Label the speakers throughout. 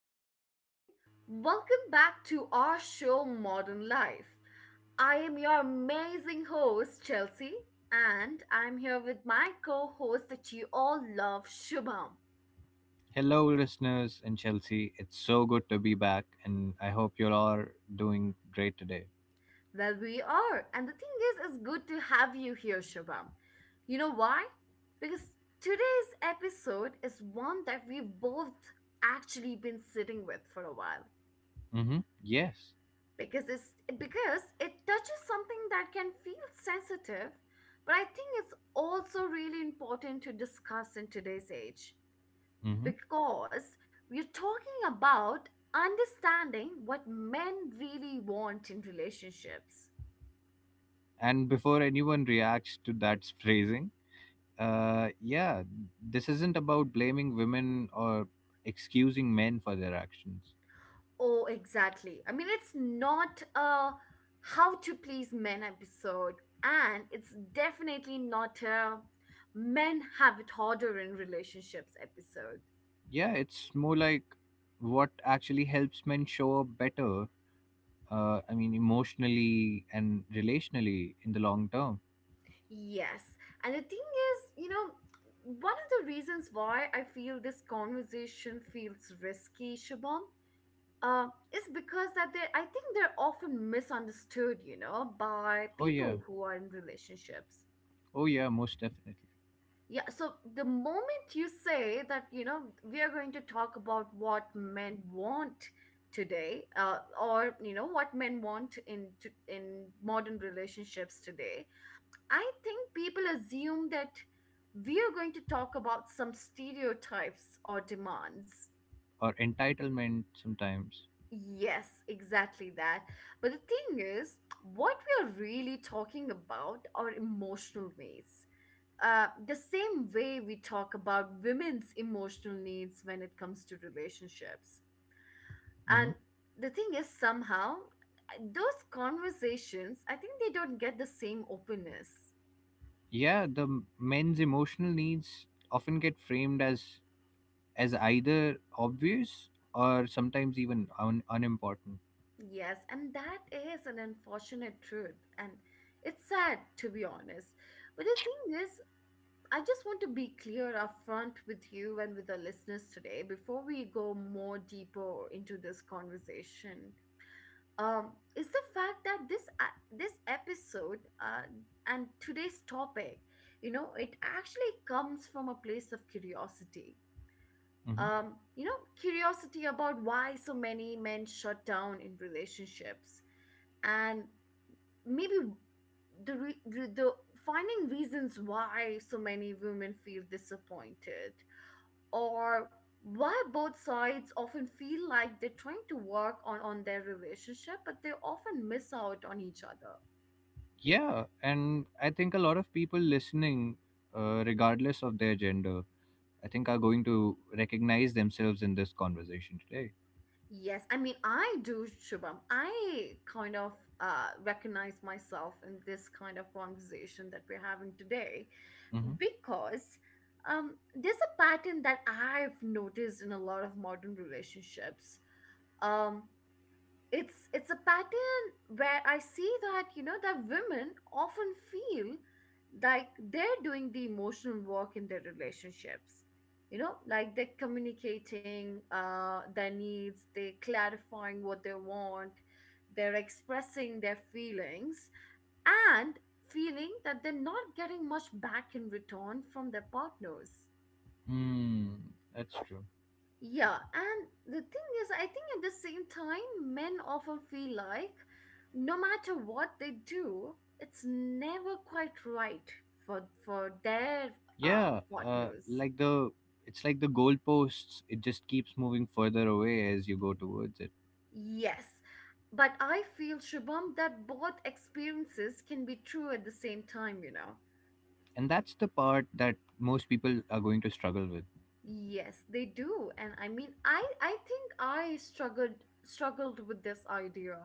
Speaker 1: Good evening. Welcome back to our show, Modern Life. I am your amazing host, Chelsea, and I'm here with my co host that you all love, Shubham.
Speaker 2: Hello, listeners in Chelsea. It's so good to be back, and I hope you all are doing great today.
Speaker 1: Well, we are. And the thing is, it's good to have you here, Shubham. You know why? Because today's episode is one that we've both actually been sitting with for a while.
Speaker 2: Mm-hmm. Yes.
Speaker 1: Because it touches something that can feel sensitive, but I think it's also really important to discuss in today's age,
Speaker 2: Mm-hmm.
Speaker 1: because we're talking about understanding what men really want in relationships.
Speaker 2: And before anyone reacts to that phrasing, yeah, this isn't about blaming women or excusing men for their actions.
Speaker 1: Oh, exactly. I mean, it's not a how to please men episode, and it's definitely not a men have it harder in relationships episode.
Speaker 2: Yeah, it's more like what actually helps men show up better. I mean, emotionally and relationally in the long term.
Speaker 1: Yes. And the thing is, you know, one of the reasons why I feel this conversation feels risky, Shubham, uh, is because that they I think they're often misunderstood, you know, by
Speaker 2: Oh yeah.
Speaker 1: people who are in relationships.
Speaker 2: Oh yeah. Most definitely.
Speaker 1: Yeah, so the moment you say that, you know, we are going to talk about what men want today, or you know, what men want in modern relationships today, I think people assume that we are going to talk about some stereotypes or demands.
Speaker 2: Or entitlement sometimes.
Speaker 1: Yes, exactly that. But the thing is, what we are really talking about are emotional needs. The same way we talk about women's emotional needs when it comes to relationships.
Speaker 2: Hmm.
Speaker 1: And the thing is, somehow, those conversations, I think they don't get the same openness.
Speaker 2: Yeah, the men's emotional needs often get framed as either obvious or sometimes even unimportant.
Speaker 1: Yes, and that is an unfortunate truth. And it's sad, to be honest. But the thing is, I just want to be clear upfront with you and with the listeners today before we go more deeper into this conversation. Is the fact that this episode and today's topic, you know, it actually comes from a place of curiosity.
Speaker 2: Hmm.
Speaker 1: You know, curiosity about why so many men shut down in relationships and maybe the re- re- the finding reasons why so many women feel disappointed, or why both sides often feel like they're trying to work on their relationship but they often miss out on each other.
Speaker 2: Yeah, and I think a lot of people listening, regardless of their gender, I think are going to recognize themselves in this conversation today.
Speaker 1: Yes, I mean, I do, Shubham. I kind of recognize myself in this kind of conversation that we're having today.
Speaker 2: Mm-hmm.
Speaker 1: Because there's a pattern that I've noticed in a lot of modern relationships. Um, it's a pattern where I see that you know that women often feel like they're doing the emotional work in their relationships, you know, like they're communicating their needs, they're clarifying what they want, they're expressing their feelings, and feeling that they're not getting much back in return from their partners.
Speaker 2: Hmm, that's true.
Speaker 1: Yeah, and the thing is, I think at the same time, men often feel like no matter what they do, it's never quite right for their
Speaker 2: Yeah, uh,
Speaker 1: partners.
Speaker 2: like the it's like the goalposts; it just keeps moving further away as you go towards it.
Speaker 1: Yes, but I feel, Shubham, that both experiences can be true at the same time. You know,
Speaker 2: And that's the part that most people are going to struggle with.
Speaker 1: yes, they do. And I mean, I think I struggled with this idea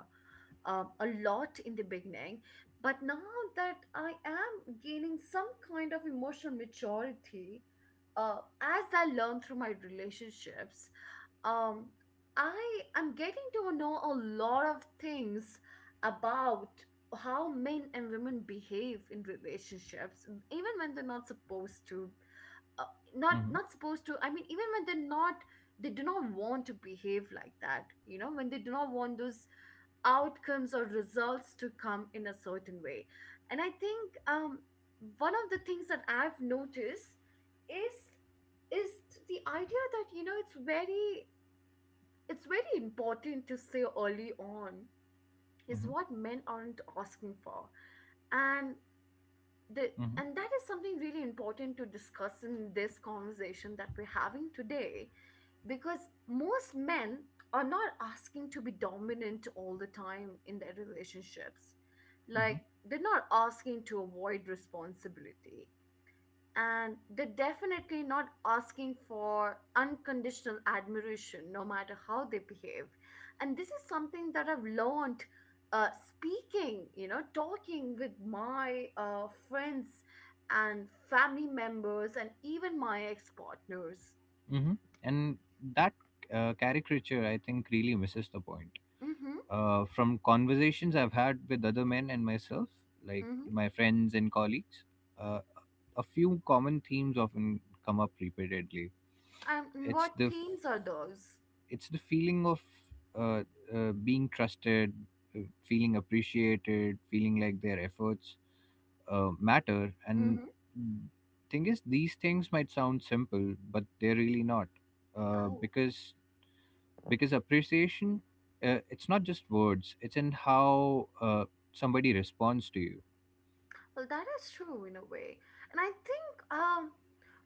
Speaker 1: a lot in the beginning. But now that I am gaining some kind of emotional maturity, as I learn through my relationships, um, I am getting to know a lot of things about how men and women behave in relationships, even when they're not supposed to. Uh, not
Speaker 2: Hmm.
Speaker 1: not supposed to. I mean, even when they're not, they do not want to behave like that. You know, when they do not want those outcomes or results to come in a certain way. And I think one of the things that I've noticed is is the idea that, you know, it's very important to say early on is
Speaker 2: Hmm.
Speaker 1: what men aren't asking for. And the
Speaker 2: Hmm.
Speaker 1: and that is something really important to discuss in this conversation that we're having today, because most men are not asking to be dominant all the time in their relationships.
Speaker 2: Hmm.
Speaker 1: Like, they're not asking to avoid responsibility, and they're definitely not asking for unconditional admiration no matter how they behave. And this is something that I've learned, uh, speaking you know talking with my friends and family members and even my ex-partners.
Speaker 2: Hmm. And that caricature, I think, really misses the point.
Speaker 1: Mm-hmm,
Speaker 2: From conversations I've had with other men and myself, like
Speaker 1: mm-hmm.
Speaker 2: my friends and colleagues, uh, a few common themes often come up repeatedly.
Speaker 1: And
Speaker 2: It's
Speaker 1: what
Speaker 2: the f-
Speaker 1: themes are those?
Speaker 2: it's the feeling of uh, being trusted, feeling appreciated, feeling like their efforts matter. And
Speaker 1: Mm-hmm.
Speaker 2: mm, thing is, these things might sound simple, but they're really not, uh,
Speaker 1: Oh.
Speaker 2: because because appreciation, it's not just words; it's in how somebody responds to you.
Speaker 1: Well, that is true in a way. And I think um,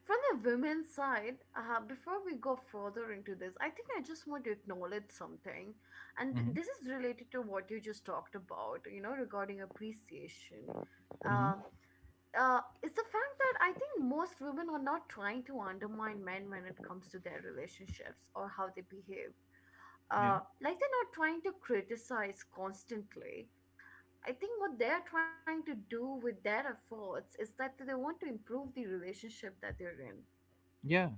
Speaker 1: from the women's side, before we go further into this, I think I just want to acknowledge something. And th-
Speaker 2: Mm-hmm.
Speaker 1: this is related to what you just talked about, you know, regarding appreciation.
Speaker 2: Mm-hmm.
Speaker 1: Uh, it's the fact that I think most women are not trying to undermine men when it comes to their relationships or how they behave.
Speaker 2: Yeah.
Speaker 1: Like, they're not trying to criticize constantly. I think what they're trying to do with their efforts is that they want to improve the relationship that they're in.
Speaker 2: Yeah,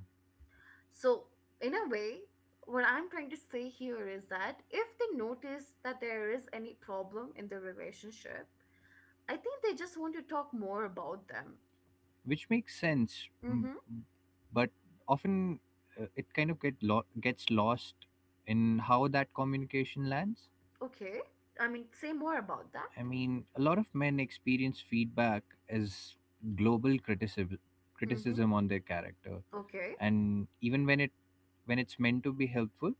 Speaker 1: So, in a way, what I'm trying to say here is that if they notice that there is any problem in the relationship, I think they just want to talk more about them.
Speaker 2: which makes sense,
Speaker 1: Mm hmm.
Speaker 2: mm, but often, it kind of gets lost in how that communication lands.
Speaker 1: Okay. I mean, say more about that.
Speaker 2: I mean, a lot of men experience feedback as global criticism
Speaker 1: Mm hmm.
Speaker 2: criticism on their character,
Speaker 1: Okay.
Speaker 2: and even when it's meant to be helpful,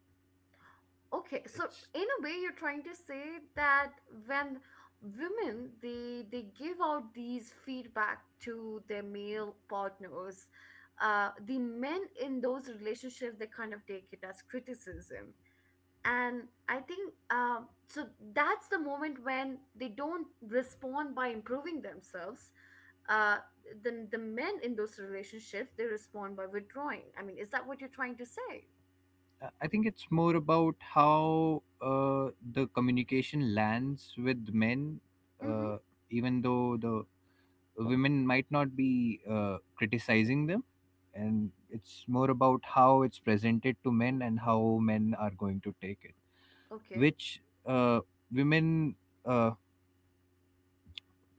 Speaker 1: Okay, so
Speaker 2: it's.
Speaker 1: in a way, you're trying to say that when women they give out these feedback to their male partners, the men in those relationships they kind of take it as criticism, and I think. That's the moment when they don't respond by improving themselves. Uh, the men in those relationships they respond by withdrawing. I mean, is that what you're trying to say?
Speaker 2: I think it's more about how the communication lands with men,
Speaker 1: Mm-hmm.
Speaker 2: uh, even though the women might not be criticizing them, and it's more about how it's presented to men and how men are going to take it,
Speaker 1: Okay.
Speaker 2: which women. Uh,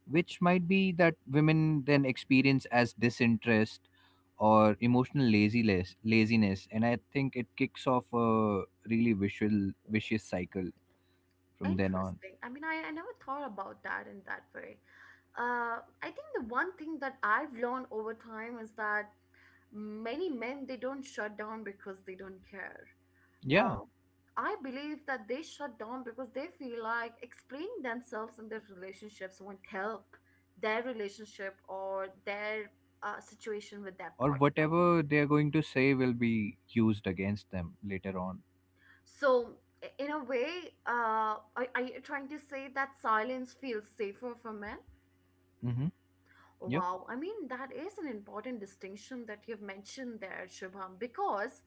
Speaker 2: which might be that women then experience as disinterest or emotional laziness, and I think it kicks off a really visual vicious cycle from then on.
Speaker 1: Interesting. I mean, I never thought about that in that way. I think the one thing that I've learned over time is that many men they don't shut down because they don't care.
Speaker 2: Yeah,
Speaker 1: Uh, I believe that they shut down because they feel like explaining themselves in their relationships won't help their relationship or their situation with their
Speaker 2: or
Speaker 1: partner.
Speaker 2: whatever they're going to say will be used against them later on.
Speaker 1: So in a way, are you trying to say that silence feels safer for men?
Speaker 2: Mm-hmm. Yep.
Speaker 1: Wow, I mean, that is an important distinction that you've mentioned there, Shubham, because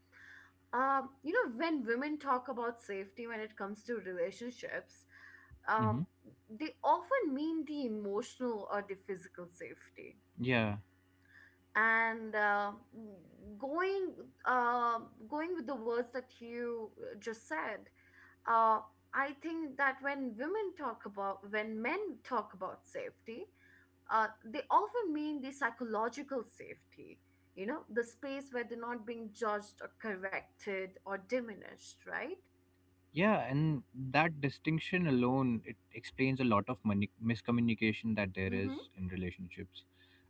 Speaker 1: you know, when women talk about safety when it comes to relationships,
Speaker 2: Mm-hmm.
Speaker 1: um, they often mean the emotional or the physical safety.
Speaker 2: Yeah.
Speaker 1: And going uh, going with the words that you just said, uh, I think that when women when men talk about safety, they often mean the psychological safety, you know, the space where they're not being judged or corrected or diminished, right?
Speaker 2: Yeah, and that distinction alone, it explains a lot of miscommunication that there
Speaker 1: Mm-hmm.
Speaker 2: is in relationships.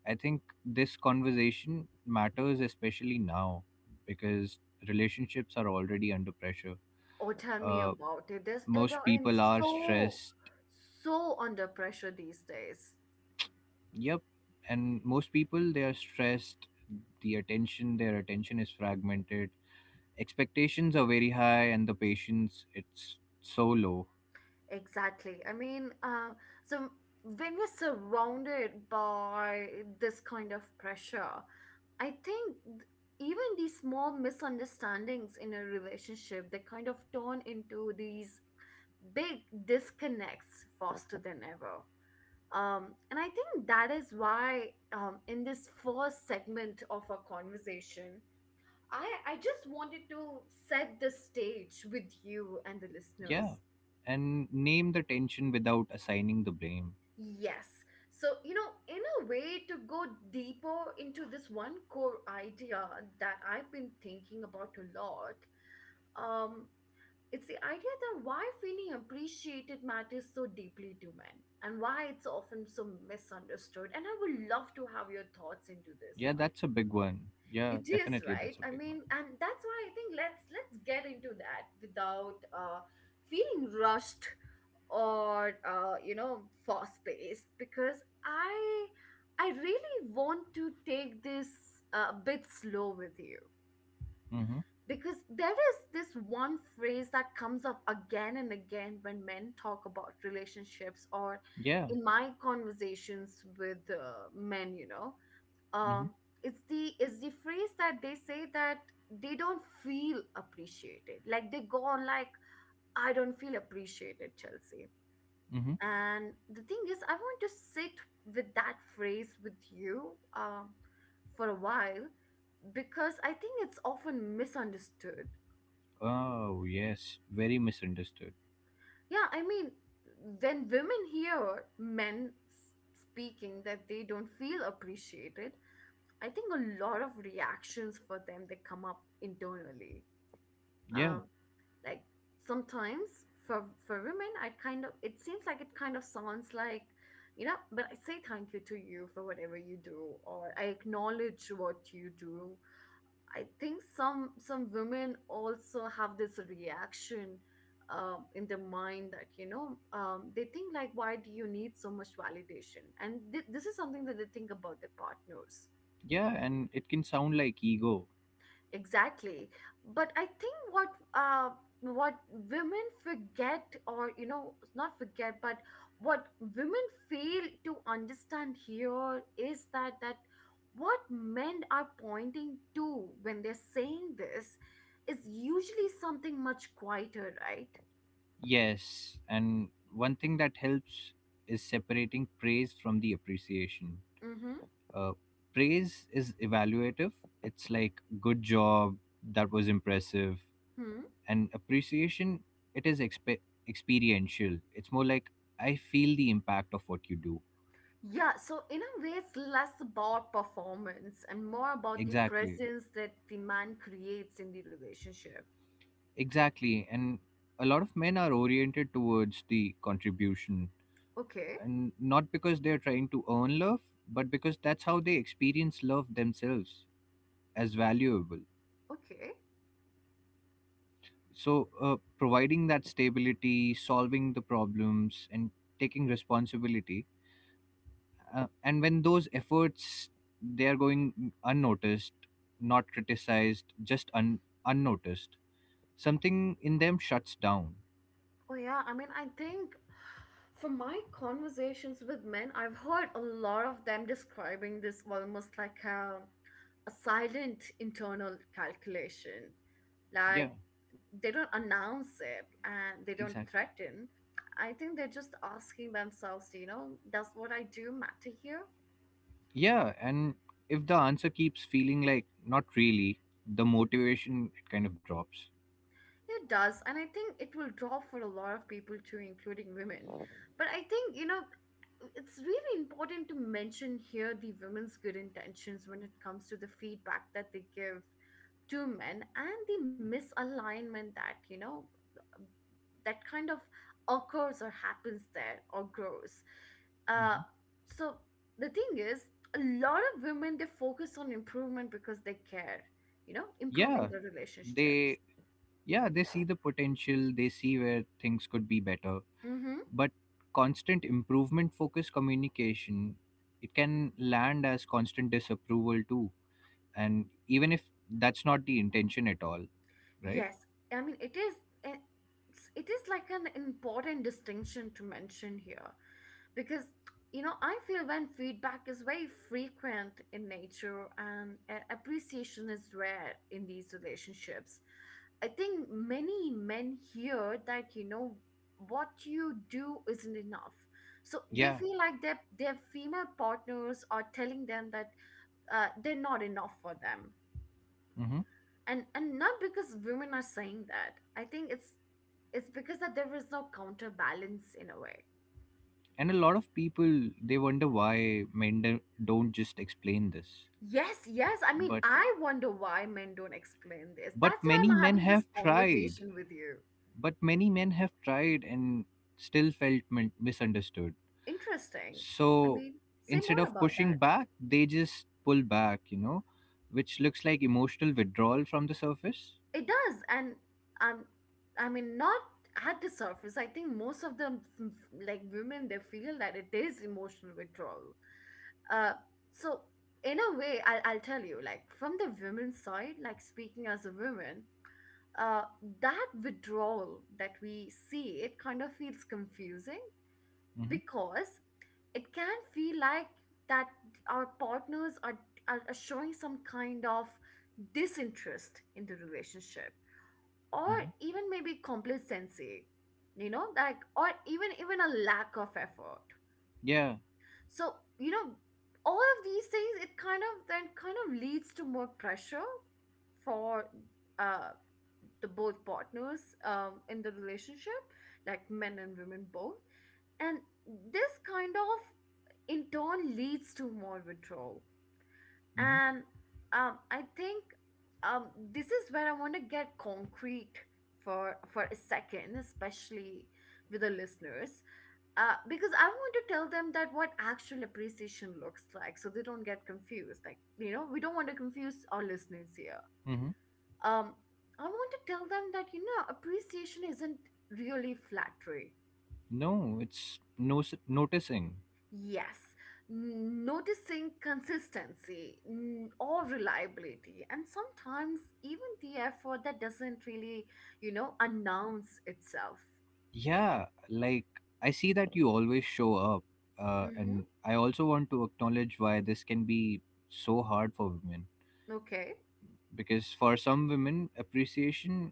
Speaker 2: I think this conversation matters especially now because relationships are already under pressure.
Speaker 1: Oh, tell me
Speaker 2: Uh,
Speaker 1: about it.
Speaker 2: most
Speaker 1: They're in
Speaker 2: people are
Speaker 1: so,
Speaker 2: stressed.
Speaker 1: so under pressure these days.
Speaker 2: Yep, and most people, they are stressed. The attention, their attention, is fragmented. Expectations are very high, and the patience, it's so low.
Speaker 1: Exactly. I mean, so when we're surrounded by this kind of pressure, I think even these small misunderstandings in a relationship, they kind of turn into these big disconnects faster than ever. And I think that is why in this first segment of our conversation, I just wanted to set the stage with you and the listeners.
Speaker 2: Yeah, and name the tension without assigning the blame.
Speaker 1: Yes. So, you know, in a way, to go deeper into this one core idea that I've been thinking about a lot, um, it's the idea that why feeling appreciated matters so deeply to men and why it's often so misunderstood. And I would love to have your thoughts into this
Speaker 2: Yeah,
Speaker 1: one.
Speaker 2: that's a big one. Yeah,
Speaker 1: It is,
Speaker 2: definitely,
Speaker 1: right?
Speaker 2: that's a
Speaker 1: I
Speaker 2: big one.
Speaker 1: mean, and that's why I think let's get into that without feeling rushed or you know, for space, because i I really want to take this a bit slow with you,
Speaker 2: Mm-hmm.
Speaker 1: because there is this one phrase that comes up again and again when men talk about relationships, or
Speaker 2: Yeah.
Speaker 1: in my conversations with men
Speaker 2: Mm-hmm.
Speaker 1: um, it's the phrase that they say, that they don't feel appreciated. Like, they go on like, I don't feel appreciated, Chelsea.
Speaker 2: Mm-hmm.
Speaker 1: And the thing is, I want to sit with that phrase with you for a while, because I think it's often misunderstood.
Speaker 2: Oh yes, very misunderstood.
Speaker 1: Yeah, I mean, when women hear men speaking that they don't feel appreciated, I think a lot of reactions for them they come up internally.
Speaker 2: Yeah,
Speaker 1: Um, like, sometimes for women, I kind of it seems like, it kind of sounds like, you know, but I say thank you to you for whatever you do, or I acknowledge what you do. I think some women also have this reaction in their mind, that, you know, they think like, why do you need so much validation? And this is something that they think about their partners.
Speaker 2: yeah, and it can sound like ego.
Speaker 1: Exactly. But I think uh what women forget, or you know, not forget, but what women fail to understand here is that what men are pointing to when they're saying this is usually something much quieter, right?
Speaker 2: Yes, and one thing that helps is separating praise from the appreciation.
Speaker 1: Mm-hmm.
Speaker 2: Uh, praise is evaluative. It's like good job, that was impressive,
Speaker 1: Hmm.
Speaker 2: and appreciation, it is experiential. It's more like I feel the impact of what you do.
Speaker 1: Yeah, so in a way, it's less about performance and more about the
Speaker 2: Exactly.
Speaker 1: presence that the man creates in the relationship.
Speaker 2: Exactly. And a lot of men are oriented towards the contribution,
Speaker 1: Okay,
Speaker 2: and not because they're trying to earn love, but because that's how they experience love themselves, as valuable.
Speaker 1: okay.
Speaker 2: So, providing that stability, solving the problems, and taking responsibility. And when those efforts, they are going unnoticed, not criticized, just unnoticed, something in them shuts down.
Speaker 1: Oh, yeah. I mean, I think from my conversations with men, I've heard a lot of them describing this almost like a silent internal calculation.
Speaker 2: Yeah.
Speaker 1: Like they don't announce it and they don't
Speaker 2: Exactly.
Speaker 1: threaten. I think they're just asking themselves, you know, does what I do matter here?
Speaker 2: Yeah, and if the answer keeps feeling like not really, the motivation, it kind of drops.
Speaker 1: It does, and I think it will draw for a lot of people too, including women. But I think, you know, it's really important to mention here the women's good intentions when it comes to the feedback that they give to men and the misalignment that, you know, that kind of occurs or happens there or grows.
Speaker 2: Hmm.
Speaker 1: Uh, so the thing is, a lot of women they focus on improvement because they care, you know, improving
Speaker 2: Yeah,
Speaker 1: their relationships.
Speaker 2: they yeah they see the potential, they see where things could be better,
Speaker 1: Mm-hmm.
Speaker 2: but constant improvement focused communication, it can land as constant disapproval too, and even if that's not the intention at all. Right.
Speaker 1: Yes, I mean it is a- it is like an important distinction to mention here because you know I feel when feedback is very frequent in nature and appreciation is rare in these relationships. I think many men hear that, you know, what you do isn't enough. So they
Speaker 2: Yeah.
Speaker 1: feel like their female partners are telling them that they're not enough for them.
Speaker 2: hmm
Speaker 1: And not because women are saying that, I think it's because that there is no counterbalance in a way.
Speaker 2: and a lot of people, they wonder why men don't just explain this.
Speaker 1: Yes, yes, I mean
Speaker 2: but
Speaker 1: I wonder why men don't explain this.
Speaker 2: but
Speaker 1: That's why
Speaker 2: many
Speaker 1: I'm
Speaker 2: men
Speaker 1: having this
Speaker 2: have tried
Speaker 1: conversation with you.
Speaker 2: but many men have tried and still felt misunderstood.
Speaker 1: Interesting. I
Speaker 2: So
Speaker 1: mean, say
Speaker 2: instead
Speaker 1: more
Speaker 2: of
Speaker 1: about
Speaker 2: pushing
Speaker 1: that.
Speaker 2: back, they just pull back, which looks like emotional withdrawal from the surface.
Speaker 1: It does. And um I mean, not at the surface, I think most of them, like women, they feel that it is emotional withdrawal. Uh so in a way, I'll tell you, like from the women's side, like speaking as a woman, uh that withdrawal that we see, it kind of feels confusing
Speaker 2: Hmm.
Speaker 1: because it can feel like that our partners are showing some kind of disinterest in the relationship, or
Speaker 2: Hmm.
Speaker 1: even maybe complacency, you know, like, or even a lack of effort.
Speaker 2: Yeah.
Speaker 1: So, you know, all of these things, it kind of then kind of leads to more pressure for uh the both partners in the relationship, like men and women both. And this kind of in turn leads to more withdrawal.
Speaker 2: Hmm.
Speaker 1: And I think, this is where I want to get concrete for a second, especially with the listeners, because I want to tell them that what actual appreciation looks like so they don't get confused. Like, you know, we don't want to confuse our listeners here.
Speaker 2: Hmm.
Speaker 1: Um, I want to tell them that, you know, appreciation isn't really flattery.
Speaker 2: No, it's no. Noticing.
Speaker 1: Yes, noticing consistency or reliability, and sometimes even the effort that doesn't really, you know, announce itself.
Speaker 2: Yeah, like I see that you always show up,
Speaker 1: Mm-hmm.
Speaker 2: and I also want to acknowledge why this can be so hard for women.
Speaker 1: Okay.
Speaker 2: Because for some women, appreciation,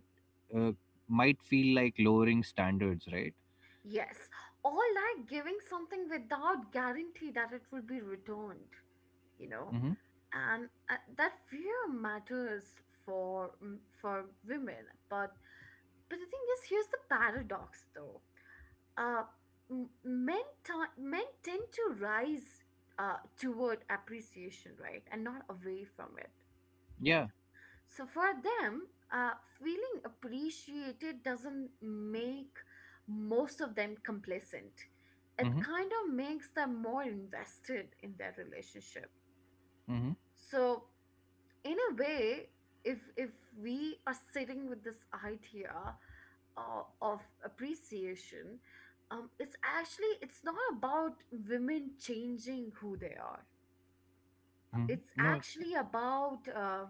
Speaker 2: uh, might feel like lowering standards, right?
Speaker 1: Yes, or like giving something without guarantee that it will be returned, you know?
Speaker 2: Mm-hmm.
Speaker 1: And that fear matters for mm, for women, but the thing is, here's the paradox though. Uh, men tend to rise toward appreciation, right? And not away from it.
Speaker 2: Yeah.
Speaker 1: So for them, uh, feeling appreciated doesn't make most of them complacent. It
Speaker 2: Mm-hmm.
Speaker 1: kind of makes them more invested in their relationship.
Speaker 2: Mm-hmm.
Speaker 1: So in a way, if we are sitting with this idea of appreciation, it's actually it's not about women changing who they are. It's
Speaker 2: Mm-hmm. No, it's not.
Speaker 1: actually about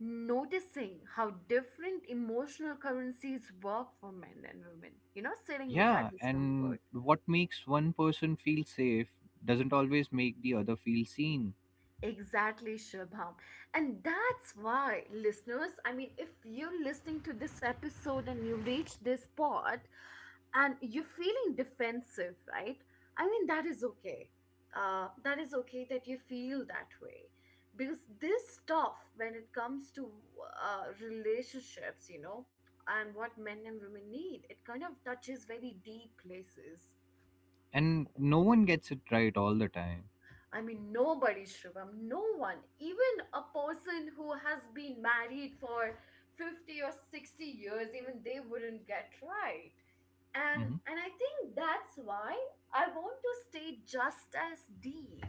Speaker 1: noticing how different emotional currencies work for men and women, you know, sitting with that
Speaker 2: Yeah, and
Speaker 1: discomfort.
Speaker 2: what makes one person feel safe doesn't always make the other feel seen,
Speaker 1: Exactly, Shubham. And that's why, listeners, I mean, if you're listening to this episode and you reach this part and you're feeling defensive, right? I mean, that is okay. That is okay that you feel that way. Because this stuff, when it comes to relationships, you know, and what men and women need, it kind of touches very deep places.
Speaker 2: and no one gets it right all the time.
Speaker 1: I mean, nobody, Shubham, no one, even a person who has been married for 50 or 60 years, even they wouldn't get right. And,
Speaker 2: Mm-hmm.
Speaker 1: and I think that's why I want to stay just as deep,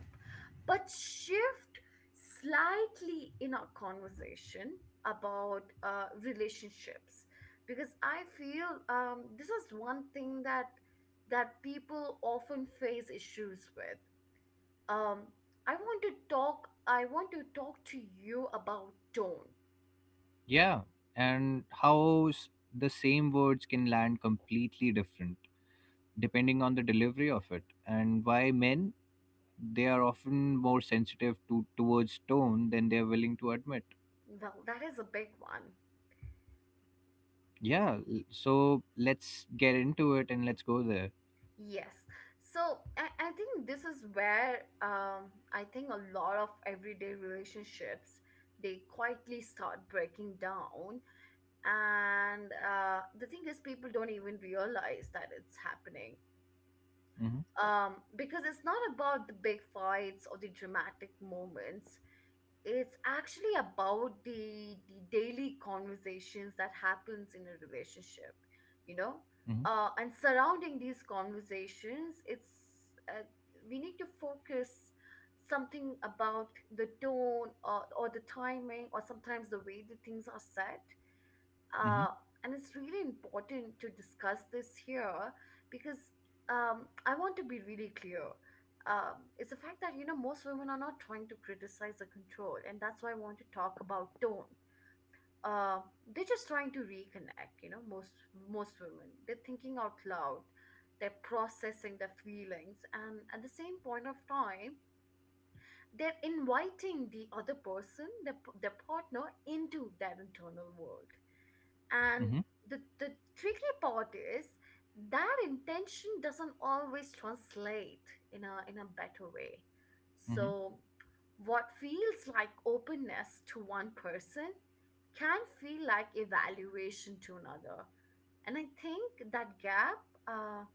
Speaker 1: but shift slightly in our conversation about relationships. Because I feel this is one thing that people often face issues with um I want to talk to you about tone.
Speaker 2: Yeah, and how the same words can land completely different depending on the delivery of it, and why men, they are often more sensitive to towards tone than they are willing to admit.
Speaker 1: Well, that is a big one.
Speaker 2: Yeah, so let's get into it and let's go there.
Speaker 1: Yes, I think this is where I think a lot of everyday relationships, they quietly start breaking down, and the thing is, people don't even realize that it's happening,
Speaker 2: Hmm.
Speaker 1: because it's not about the big fights or the dramatic moments. It's actually about the daily conversations that happens in a relationship, you know,
Speaker 2: Hmm.
Speaker 1: and surrounding these conversations, it's uh, we need to focus something about the tone, or the timing, or sometimes the way the things are said,
Speaker 2: Hmm.
Speaker 1: uh, and it's really important to discuss this here because I want to be really clear. It's the fact that you know most women are not trying to criticize or control, and that's why I want to talk about tone. Uh, they're just trying to reconnect. You know, most women, they're thinking out loud, they're processing their feelings, and at the same point of time, they're inviting the other person, their partner, into that internal world, and
Speaker 2: Hmm.
Speaker 1: the tricky part is that intention doesn't always translate in a better way.
Speaker 2: Hmm.
Speaker 1: So what feels like openness to one person can feel like evaluation to another. And I think that gap, uh,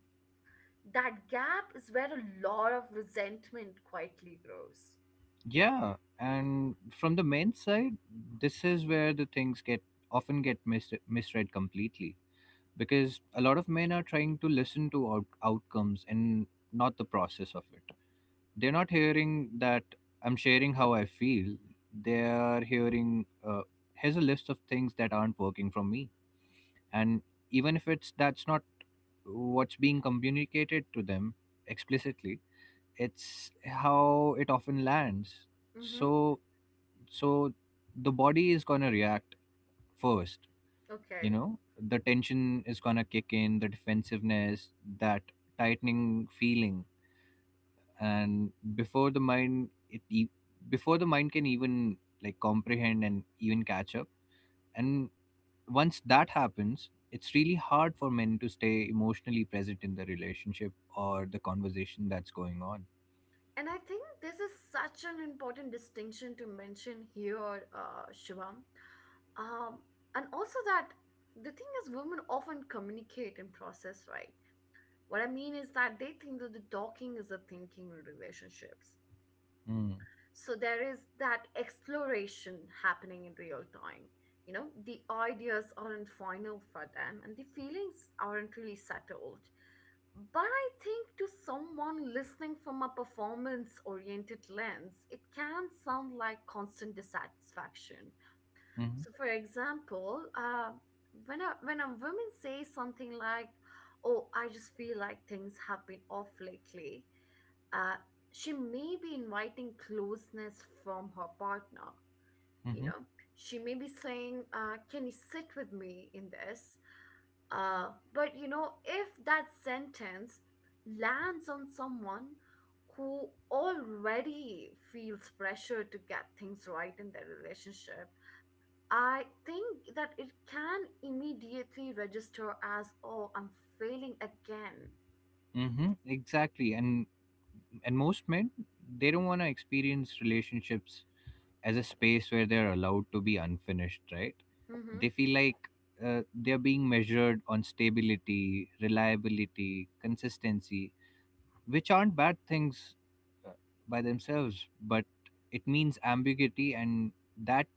Speaker 1: that gap is where a lot of resentment quietly grows.
Speaker 2: Yeah, and from the men's side, this is where the things get often get misread completely, because a lot of men are trying to listen to outcomes and not the process of it. They're not hearing that I'm sharing how I feel, they're hearing, uh, here's a list of things that aren't working from me, and even if it's that's not what's being communicated to them explicitly, it's how it often lands.
Speaker 1: Mm-hmm.
Speaker 2: So so the body is going to react first.
Speaker 1: Okay.
Speaker 2: The tension is gonna kick in, the defensiveness, that tightening feeling, and before the mind can even, like, comprehend and even catch up, and once that happens, it's really hard for men to stay emotionally present in the relationship or the conversation that's going on.
Speaker 1: And I think this is such an important distinction to mention here, Shivam. Um, and also that the thing is, women often communicate and process, right? What I mean is that they think that the talking is the thinking in relationships.
Speaker 2: Mm.
Speaker 1: So there is that exploration happening in real time. You know, the ideas aren't final for them and the feelings aren't really settled, but I think to someone listening from a performance oriented lens, it can sound like constant dissatisfaction.
Speaker 2: Mm-hmm.
Speaker 1: So for example, when a woman says something like, oh, I just feel like things have been off lately, uh, she may be inviting closeness from her partner. You
Speaker 2: Mm-hmm.
Speaker 1: know, she may be saying, can you sit with me in this? Uh, but, you know, if that sentence lands on someone who already feels pressure to get things right in their relationship, I think that it can immediately register as, oh, I'm failing again.
Speaker 2: Mm-hmm. Exactly, and most men, they don't want to experience relationships as a space where they're allowed to be unfinished, right?
Speaker 1: Mm
Speaker 2: They feel like, they're being measured on stability, reliability, consistency, which aren't bad things, uh, by themselves, but it means ambiguity, and that,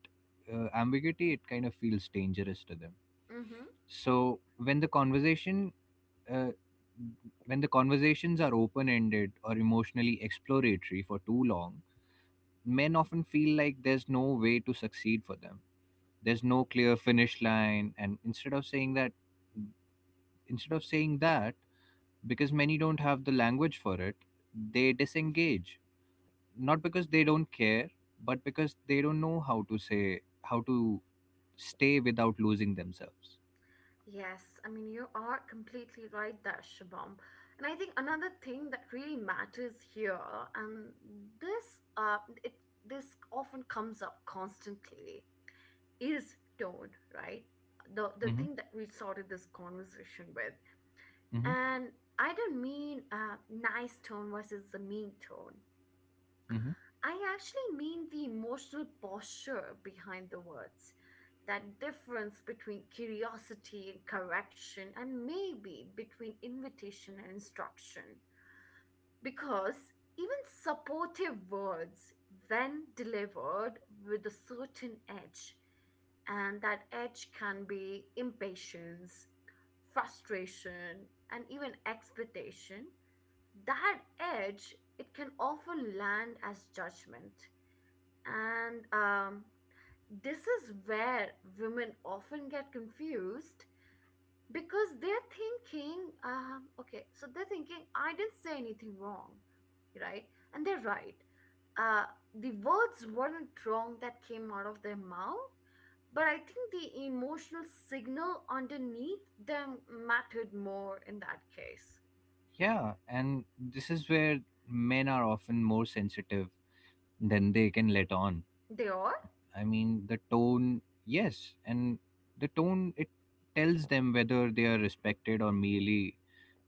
Speaker 2: ambiguity, it kind of feels dangerous to them.
Speaker 1: hmm.
Speaker 2: So when the conversation uh, when the conversations are open ended or emotionally exploratory for too long, men often feel like there's no way to succeed for them, there's no clear finish line, and instead of saying that, because many don't have the language for it, they disengage, not because they don't care, but because they don't know how to stay without losing themselves.
Speaker 1: Yes, I mean, you are completely right there, Shabam. And I think another thing that really matters here, and this it this often comes up constantly, is tone, right? The
Speaker 2: Hmm.
Speaker 1: thing that we started this conversation with,
Speaker 2: Hmm.
Speaker 1: and I don't mean nice tone versus the mean tone.
Speaker 2: Hmm.
Speaker 1: I actually mean the emotional posture behind the words, that difference between curiosity and correction, and maybe between invitation and instruction. Because even supportive words, when delivered with a certain edge, and that edge can be impatience, frustration, and even expectation, that edge, it can often land as judgment. And This is where women often get confused because they're thinking, okay, so they're thinking, I didn't say anything wrong, right? And they're right. Uh, the words weren't wrong that came out of their mouth, but I think the emotional signal underneath them mattered more in that case.
Speaker 2: Yeah, and this is where men are often more sensitive than they can let on.
Speaker 1: They are?
Speaker 2: I mean, the tone, yes, and the tone, it tells them whether they are respected or merely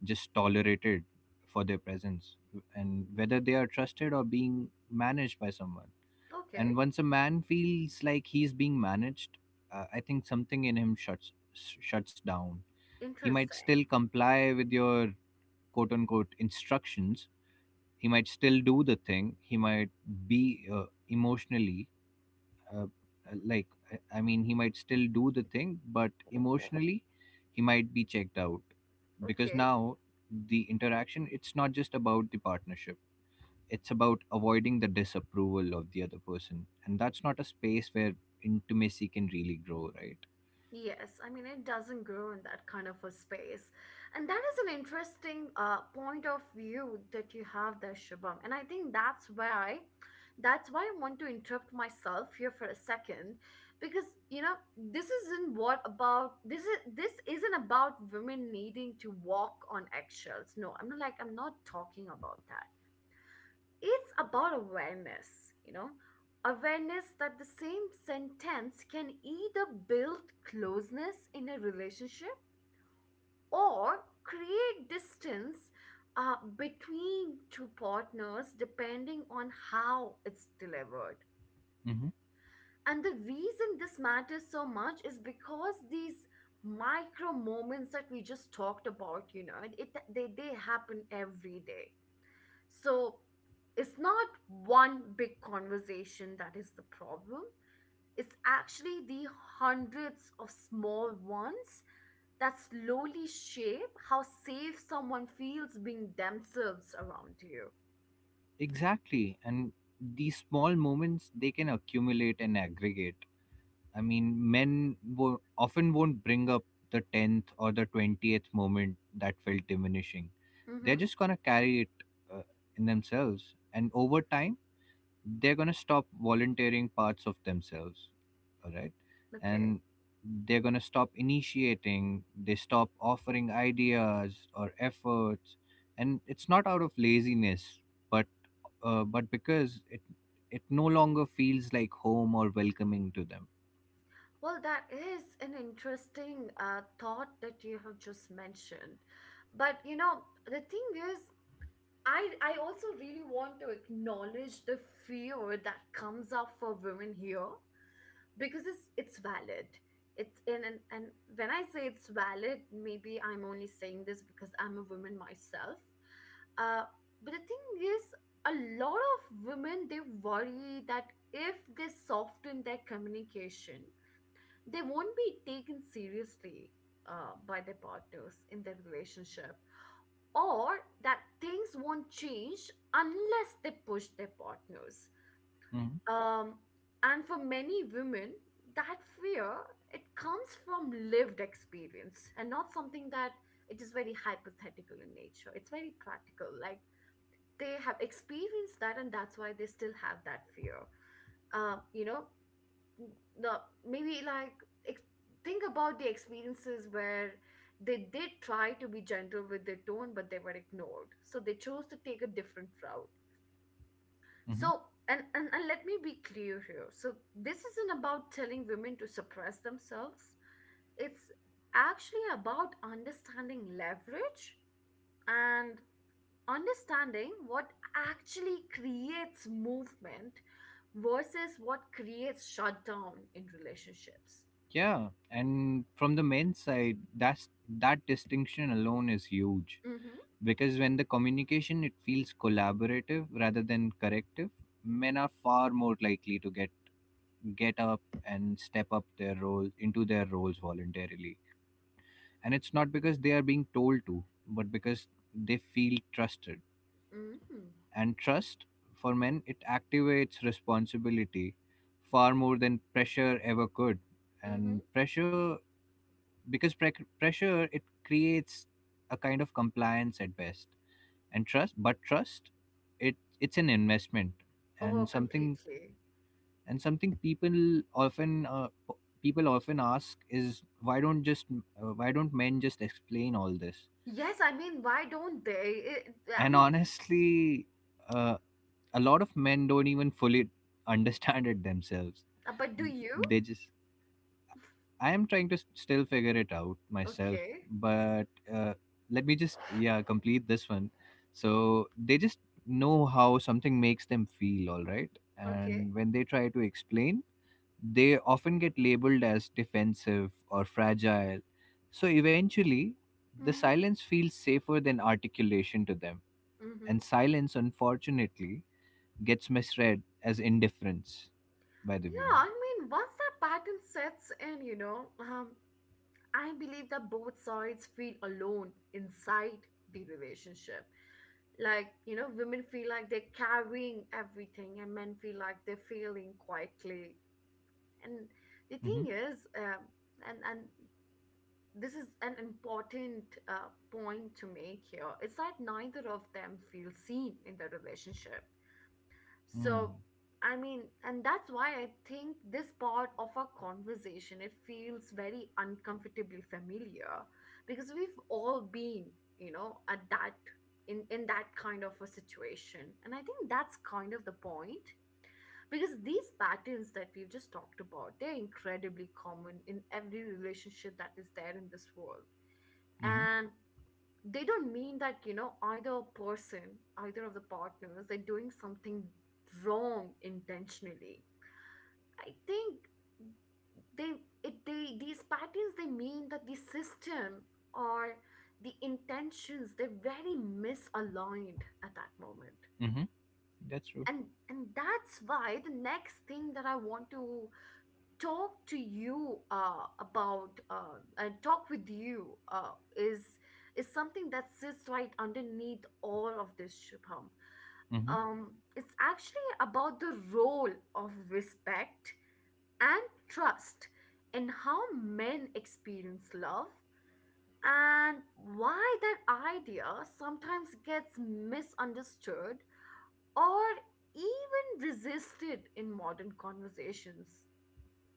Speaker 2: just tolerated for their presence, and whether they are trusted or being managed by someone.
Speaker 1: Okay,
Speaker 2: And once a man feels like he's being managed, I think something in him shuts down. He might still
Speaker 1: interesting.
Speaker 2: comply with your quote unquote instructions. He might still do the thing. He might be, emotionally, uh, like, I mean, he might still do the thing, but emotionally he might be checked out, because
Speaker 1: Okay.
Speaker 2: now the interaction, it's not just about the partnership, it's about avoiding the disapproval of the other person, and that's not a space where intimacy can really grow, right?
Speaker 1: Yes, I mean, it doesn't grow in that kind of a space. And that is an interesting point of view that you have there, Shubham. And I think that's why I want to interrupt myself here for a second because you know this isn't about women needing to walk on eggshells. No I'm not, I'm not talking about that. It's about awareness, you know, awareness that the same sentence can either build closeness in a relationship or create distance between two partners depending on how it's delivered.
Speaker 2: Hmm.
Speaker 1: And the reason this matters so much is because these micro moments that we just talked about, you know, they happen every day. So it's not one big conversation that is the problem. It's actually the hundreds of small ones that slowly shape how safe someone feels being themselves around you.
Speaker 2: Exactly, and these small moments, they can accumulate and aggregate. I mean, men often won't bring up the 10th or the 20th moment that felt diminishing.
Speaker 1: Mm-hmm.
Speaker 2: They're just going to carry it, uh, in themselves. And over time, they're going to stop volunteering parts of themselves. All right.
Speaker 1: Okay.
Speaker 2: And they're going to stop initiating. They stop offering ideas or efforts. And it's not out of laziness, but but because it no longer feels like home or welcoming to them.
Speaker 1: Well, that is an interesting thought that you have just mentioned. But you know, the thing is, I also really want to acknowledge the fear that comes up for women here because it's valid. It's in and When I say it's valid, maybe I'm only saying this because I'm a woman myself, uh but the thing is, a lot of women, they worry that if they soften their communication, they won't be taken seriously, by their partners in their relationship, or that things won't change unless they push their partners. um, and for many women, that fear, it comes from lived experience and not something that it is very hypothetical in nature. It's very practical. Like, they have experienced that, and that's why they still have that fear. You know, the maybe like ex- think about the experiences where they did try to be gentle with their tone, but they were ignored. So they chose to take a different route.
Speaker 2: Hmm.
Speaker 1: So, and let me be clear here. So, this isn't about telling women to suppress themselves, it's actually about understanding leverage and understanding what actually creates movement versus what creates shutdown in relationships.
Speaker 2: Yeah, and from the men's side, that distinction alone is huge,
Speaker 1: Mm-hmm.
Speaker 2: because when the communication, it feels collaborative rather than corrective, men are far more likely to get up and step up their role into their roles voluntarily, and it's not because they are being told to, but because they feel trusted.
Speaker 1: Mm-hmm.
Speaker 2: And trust, for men, it activates responsibility far more than pressure ever could.
Speaker 1: Mm-hmm.
Speaker 2: And pressure because pre- pressure, it creates a kind of compliance at best, and trust, it's an investment, and
Speaker 1: Oh,
Speaker 2: something
Speaker 1: completely.
Speaker 2: and something people often ask is, why don't men just explain all this?
Speaker 1: Yes, I mean, why don't they? It, I
Speaker 2: And
Speaker 1: mean,
Speaker 2: honestly, uh, a lot of men don't even fully understand it themselves.
Speaker 1: but do you?
Speaker 2: They just I am trying to still figure it out myself,
Speaker 1: Okay.
Speaker 2: but uh, let me just yeah complete this one. So they just know how something makes them feel, all right.
Speaker 1: Okay.
Speaker 2: And when they try to explain, they often get labeled as defensive or fragile. So eventually, the
Speaker 1: Mm-hmm.
Speaker 2: silence feels safer than articulation to them,
Speaker 1: Mm-hmm.
Speaker 2: and silence, unfortunately, gets misread as indifference by the
Speaker 1: Yeah,
Speaker 2: women.
Speaker 1: I mean, once that pattern sets in, you know, I believe that both sides feel alone inside the relationship. Like, you know, women feel like they're carrying everything, and men feel like they're failing quietly. And the
Speaker 2: Mm-hmm.
Speaker 1: thing is, and this is an important point to make here, is that neither of them feel seen in the relationship.
Speaker 2: Mm-hmm.
Speaker 1: So, I mean, and that's why I think this part of our conversation, it feels very uncomfortably familiar because we've all been, you know, at that in that kind of a situation. And I think that's kind of the point, because these patterns that we've just talked about, they're incredibly common in every relationship that is there in this world. And they don't mean that, you know, either person, either of the partners, they're doing something wrong intentionally. I think they it they These patterns, they mean that the system or the intentions, they're very misaligned at that moment.
Speaker 2: Mm-hmm. That's true.
Speaker 1: And that's why the next thing that I want to talk to you about and talk with you is something that sits right underneath all of this, Shubham.
Speaker 2: Hmm.
Speaker 1: It's actually about the role of respect and trust in how men experience love, and why that idea sometimes gets misunderstood or even resisted in modern conversations.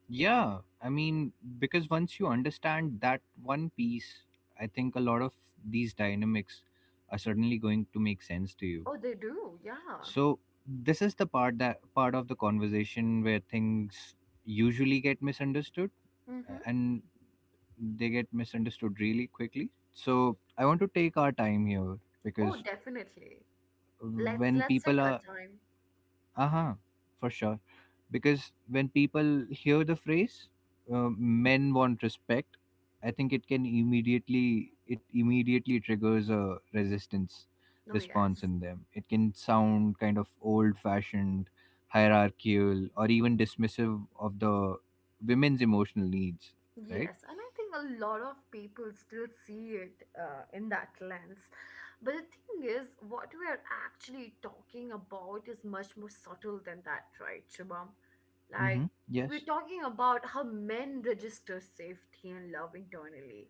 Speaker 2: Yeah, I mean, because once you understand that one piece, I think a lot of these dynamics are suddenly going to make sense to you.
Speaker 1: Oh, they do, yeah.
Speaker 2: So this is the part of the conversation where things usually get misunderstood,
Speaker 1: Mm-hmm.
Speaker 2: and they get misunderstood really quickly. So I want to take our time here
Speaker 1: Oh,
Speaker 2: because
Speaker 1: definitely. Let's
Speaker 2: when
Speaker 1: let's
Speaker 2: people
Speaker 1: take our
Speaker 2: are...
Speaker 1: time.
Speaker 2: Uh-huh, for sure. Because when people hear the phrase, men want respect, I think it can immediately triggers a resistance
Speaker 1: Oh
Speaker 2: response
Speaker 1: yes.
Speaker 2: in them. It can sound kind of old-fashioned, hierarchical, or even dismissive of the women's emotional needs, right?
Speaker 1: Yes, and I think a lot of people still see it in that lens. But the thing is, what we are actually talking about is much more subtle than that, right, Shubham?
Speaker 2: Mm-hmm.
Speaker 1: Like, we're
Speaker 2: Yes.
Speaker 1: talking about how men register safety and love internally.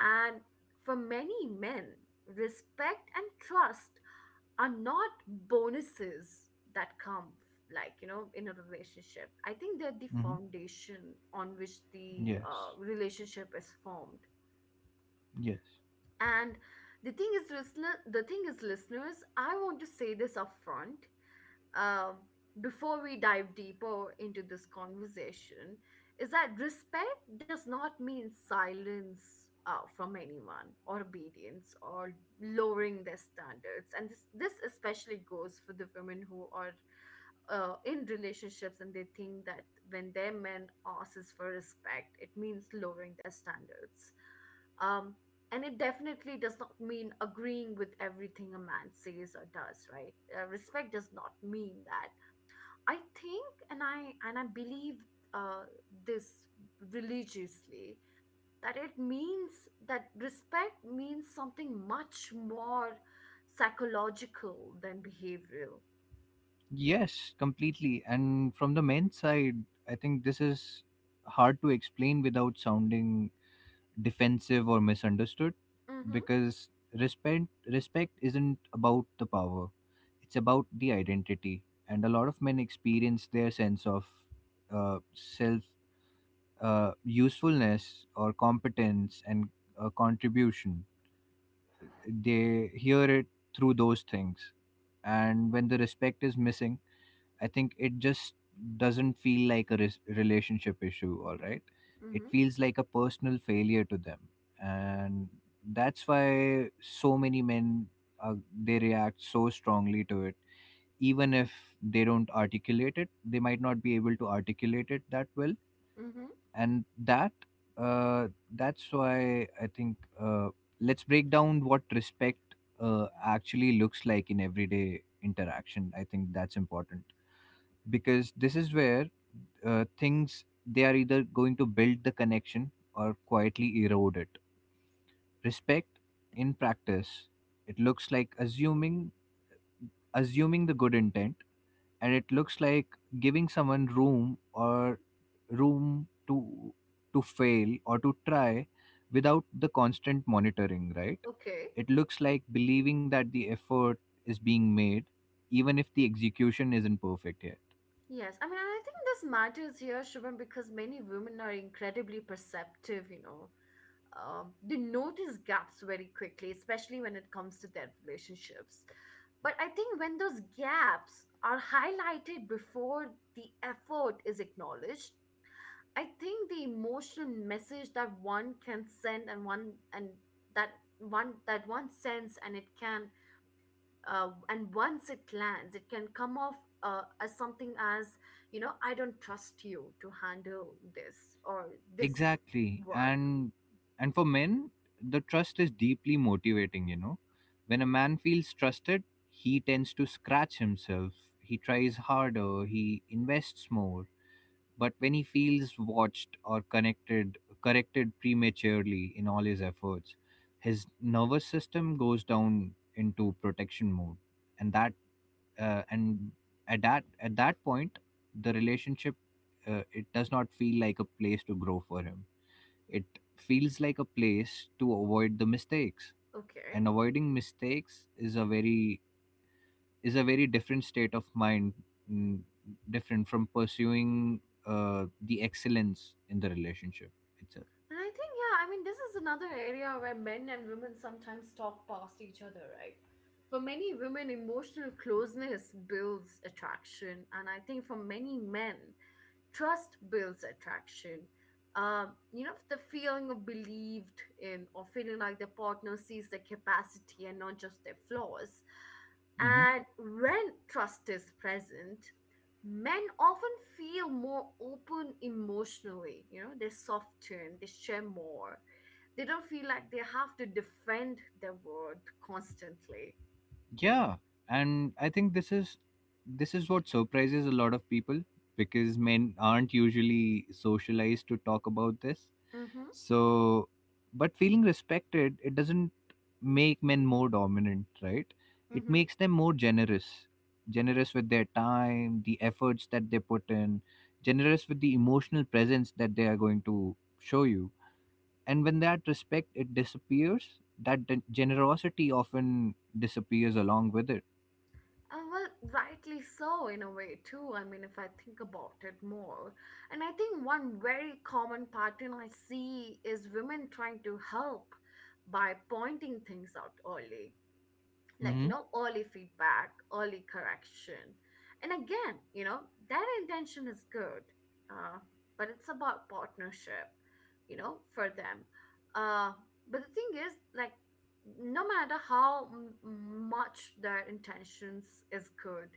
Speaker 1: And for many men, respect and trust are not bonuses that come, like, you know, in a relationship. I think they're the
Speaker 2: Mm-hmm.
Speaker 1: foundation on which the
Speaker 2: Yes.
Speaker 1: relationship is formed.
Speaker 2: Yes.
Speaker 1: And the thing is, listeners, I want to say this upfront, um, before we dive deeper into this conversation, is that respect does not mean silence from anyone, or obedience, or lowering their standards. And this especially goes for the women who are in relationships and they think that when their men asks for respect, it means lowering their standards. Um, and it definitely does not mean agreeing with everything a man says or does, right? Respect does not mean that. I think and i and i believe uh, this religiously, that it means that respect means something much more psychological than behavioral.
Speaker 2: Yes, completely. And from the men's side, I think this is hard to explain without sounding defensive or misunderstood
Speaker 1: Mm-hmm.
Speaker 2: because respect isn't about the power. It's about the identity. And a lot of men experience their sense of self, usefulness or competence, and contribution. They hear it through those things. And when the respect is missing, I think it just doesn't feel like a relationship issue, all right? It
Speaker 1: Mm-hmm.
Speaker 2: feels like a personal failure to them. And that's why so many men, uh, they react so strongly to it, even if they don't articulate it, they might not be able to articulate it that well
Speaker 1: Mm-hmm.
Speaker 2: And uh, that's why I think, let's break down what respect actually looks like in everyday interaction. I think that's important because this is where, things they are either going to build the connection or quietly erode it. Respect in practice, it looks like assuming the good intent, and it looks like giving someone room to fail or to try without the constant monitoring, right?
Speaker 1: Okay.
Speaker 2: It looks like believing that the effort is being made even if the execution isn't perfect here.
Speaker 1: Yes, I mean, and I think this matters here, Shubham, because many women are incredibly perceptive, you know. Um, they notice gaps very quickly, especially when it comes to their relationships. But I think when those gaps are highlighted before the effort is acknowledged, I think the emotional message that one can send and one and that that one sends, and it can, and once it lands, it can come off as something as, you know, I don't trust you to handle this or this
Speaker 2: Exactly.
Speaker 1: work.
Speaker 2: And for men, the trust is deeply motivating, you know. When a man feels trusted, he tends to scratch himself. He tries harder, he invests more. But when he feels watched or connected corrected prematurely in all his efforts, his nervous system goes down into protection mode. And that and at that point, the relationship, it does not feel like a place to grow for him. It feels like a place to avoid the mistakes.
Speaker 1: Okay.
Speaker 2: And avoiding mistakes is a very... is a very different state of mind, mm, different from pursuing the excellence in the relationship itself.
Speaker 1: And I think, yeah, I mean, this is another area where men and women sometimes talk past each other, right? For many women, emotional closeness builds attraction. And I think for many men, trust builds attraction. You know, the feeling of believed in, or feeling like the partner sees their capacity and not just their flaws.
Speaker 2: Mhm.
Speaker 1: And when trust is present, men often feel more open emotionally. You know, they soften, they share more. They don't feel like they have to defend their word constantly.
Speaker 2: Yeah, and I think this is... this is what surprises a lot of people because men aren't usually socialized to talk about this.
Speaker 1: Mm-hmm.
Speaker 2: So, but feeling respected, it doesn't make men more dominant, right? It
Speaker 1: Mm-hmm.
Speaker 2: makes them more generous, generous with their time, the efforts that they put in, generous with the emotional presence that they are going to show you. And when that respect, it disappears, that generosity often disappears along with it.
Speaker 1: Well, rightly so, in a way, too. I mean, if I think about it more. And I think one very common pattern I see is women trying to help by pointing things out early, like, you
Speaker 2: Mhm.
Speaker 1: know, early feedback, early correction. And again, you know, that intention is good, uh, but it's about partnership, you know, for them. Uh, but the thing is like no matter how m- Much their intentions is good,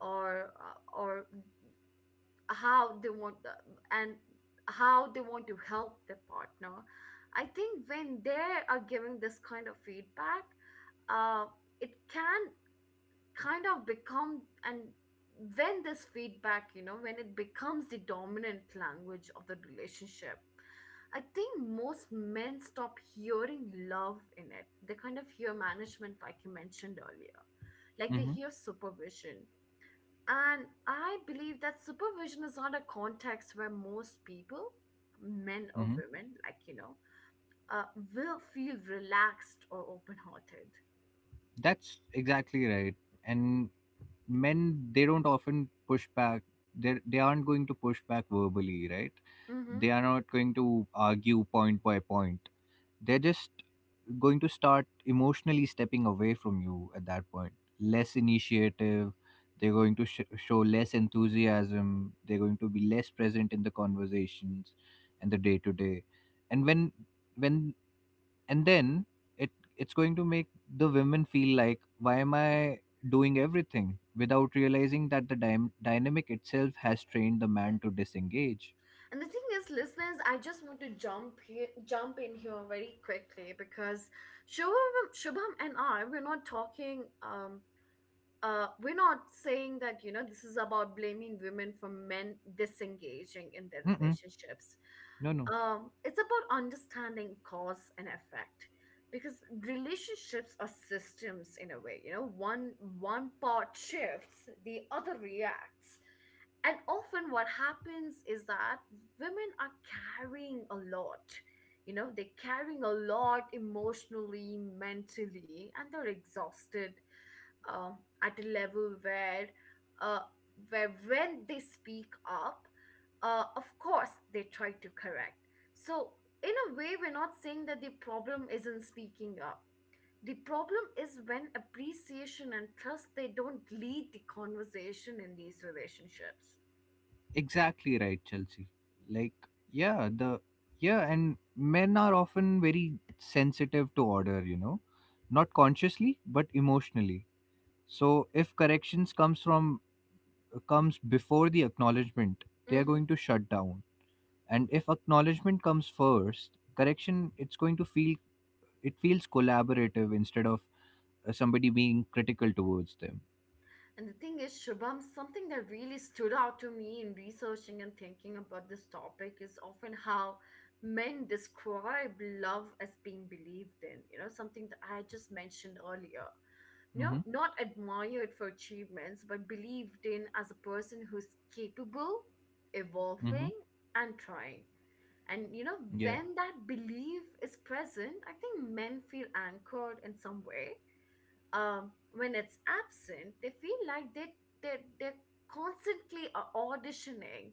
Speaker 1: or how they want and how they want to help their partner, I think when they are giving this kind of feedback, uh, it can kind of become, and when this feedback, you know, when it becomes the dominant language of the relationship, I think most men stop hearing love in it. They kind of hear management, like you mentioned earlier. Like, they
Speaker 2: Mhm.
Speaker 1: hear supervision. And I believe that supervision is not a context where most people, men or
Speaker 2: Mhm.
Speaker 1: women, like, you know, uh, will feel relaxed or open-hearted.
Speaker 2: That's exactly right. And men, they don't often push back. They aren't going to push back verbally, right?
Speaker 1: Mm-hmm.
Speaker 2: They are not going to argue point by point. They're just going to start emotionally stepping away from you at that point. Less initiative, they're going to show less enthusiasm, they're going to be less present in the conversations and the day to day. And when and then it it's going to make the women feel like, why am I doing everything, without realizing that the dynamic itself has trained the man to disengage.
Speaker 1: And the thing is, listeners, I just want to jump in here very quickly because Shubham, we're not talking. We're not saying that, you know, this is about blaming women for men disengaging in their
Speaker 2: Mm-mm,
Speaker 1: relationships.
Speaker 2: no, no.
Speaker 1: Um, it's about understanding cause and effect, because relationships are systems, in a way, you know. One part shifts, the other reacts. And often what happens is that women are carrying a lot. You know, they're carrying a lot emotionally, mentally, and they're exhausted, at a level where, uh, where when they speak up, of course they try to correct. So, in a way, we're not saying that the problem isn't speaking up. The problem is when appreciation and trust, they don't lead the conversation in these relationships.
Speaker 2: Exactly right, Chelsea. Like, yeah, and men are often very sensitive to order, you know, not consciously but emotionally. So if corrections comes before the acknowledgement, they are
Speaker 1: Mm-hmm.
Speaker 2: going to shut down. And if acknowledgement comes first, correction, it feels collaborative instead of somebody being critical towards them.
Speaker 1: And the thing is, Shubham, something that really stood out to me in researching and thinking about this topic is often how men describe love as being believed in. You know, something that I just mentioned earlier. You know,
Speaker 2: Mm-hmm.
Speaker 1: not admired for achievements, but believed in as a person who's capable,
Speaker 2: Mm-hmm.
Speaker 1: evolving, and trying. And, you know,
Speaker 2: Yeah.
Speaker 1: when that belief is present, I think men feel anchored in some way. Um, when it's absent, they feel like they're constantly auditioning,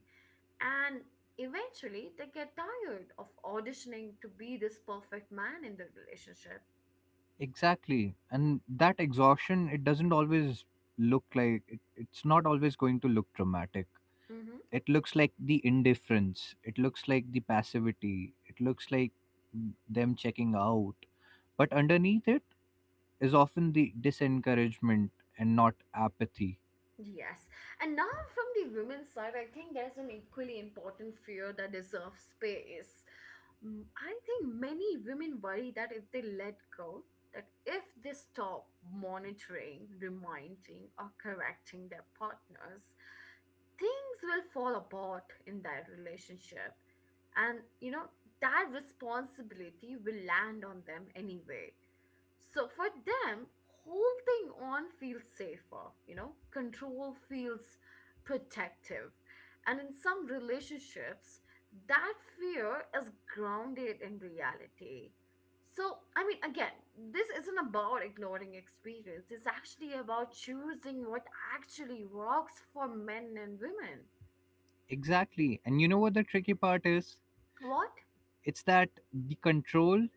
Speaker 1: and eventually they get tired of auditioning to be this perfect man in the relationship.
Speaker 2: Exactly. And that exhaustion, it doesn't always look like it, it's not always going to look dramatic.
Speaker 1: Mm-hmm.
Speaker 2: It looks like the indifference, it looks like the passivity, it looks like them checking out. But underneath it is often the disencouragement and not apathy.
Speaker 1: Yes. And now, from the women's side, I think there's an equally important fear that deserves space. Mm, I think many women worry that if they let go, that if they stop monitoring, reminding, or correcting their partners, things will fall apart in that relationship. And, you know, that responsibility will land on them anyway. So for them, holding on feels safer, you know, control feels protective. And in some relationships, that fear is grounded in reality. So, I mean, again, this isn't about ignoring experience. It's actually about choosing what actually works for men and women.
Speaker 2: Exactly. And you know what the tricky part is?
Speaker 1: What?
Speaker 2: It's that the control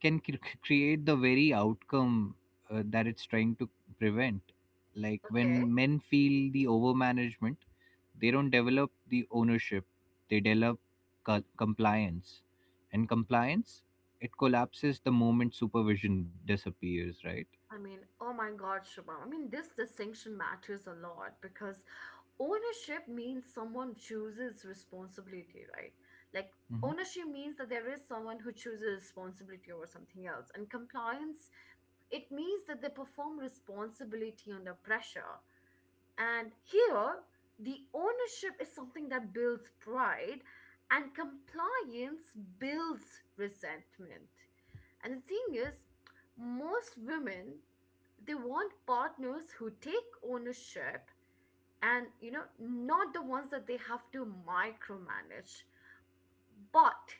Speaker 2: can create the very outcome that it's trying to prevent. Like
Speaker 1: Okay.
Speaker 2: when men feel the overmanagement, they don't develop the ownership, they develop compliance. And compliance, it collapses the moment supervision disappears, right?
Speaker 1: I mean, oh my God, Shubham. I mean, this distinction matters a lot because ownership means someone chooses responsibility, right? Like,
Speaker 2: Hmm.
Speaker 1: ownership means that there is someone who chooses responsibility over something else. And compliance, it means that they perform responsibility under pressure. And here, the ownership is something that builds pride, and compliance builds resentment. And the thing is, most women, they want partners who take ownership, and you know, not the ones that they have to micromanage. But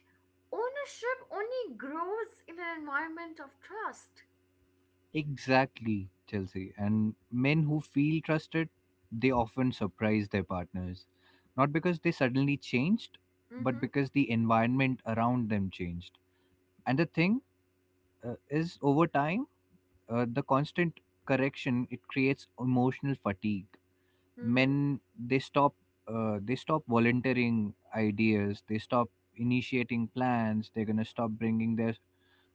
Speaker 1: ownership only grows in an environment of trust.
Speaker 2: Exactly, Chelsea. And men who feel trusted, they often surprise their partners, not because they suddenly changed, but
Speaker 1: Mm-hmm.
Speaker 2: because the environment around them changed. And the thing, is over time, the constant correction, it creates emotional fatigue.
Speaker 1: Mm-hmm.
Speaker 2: Men, they stop, they stop volunteering ideas, they stop initiating plans, they're going to stop bringing their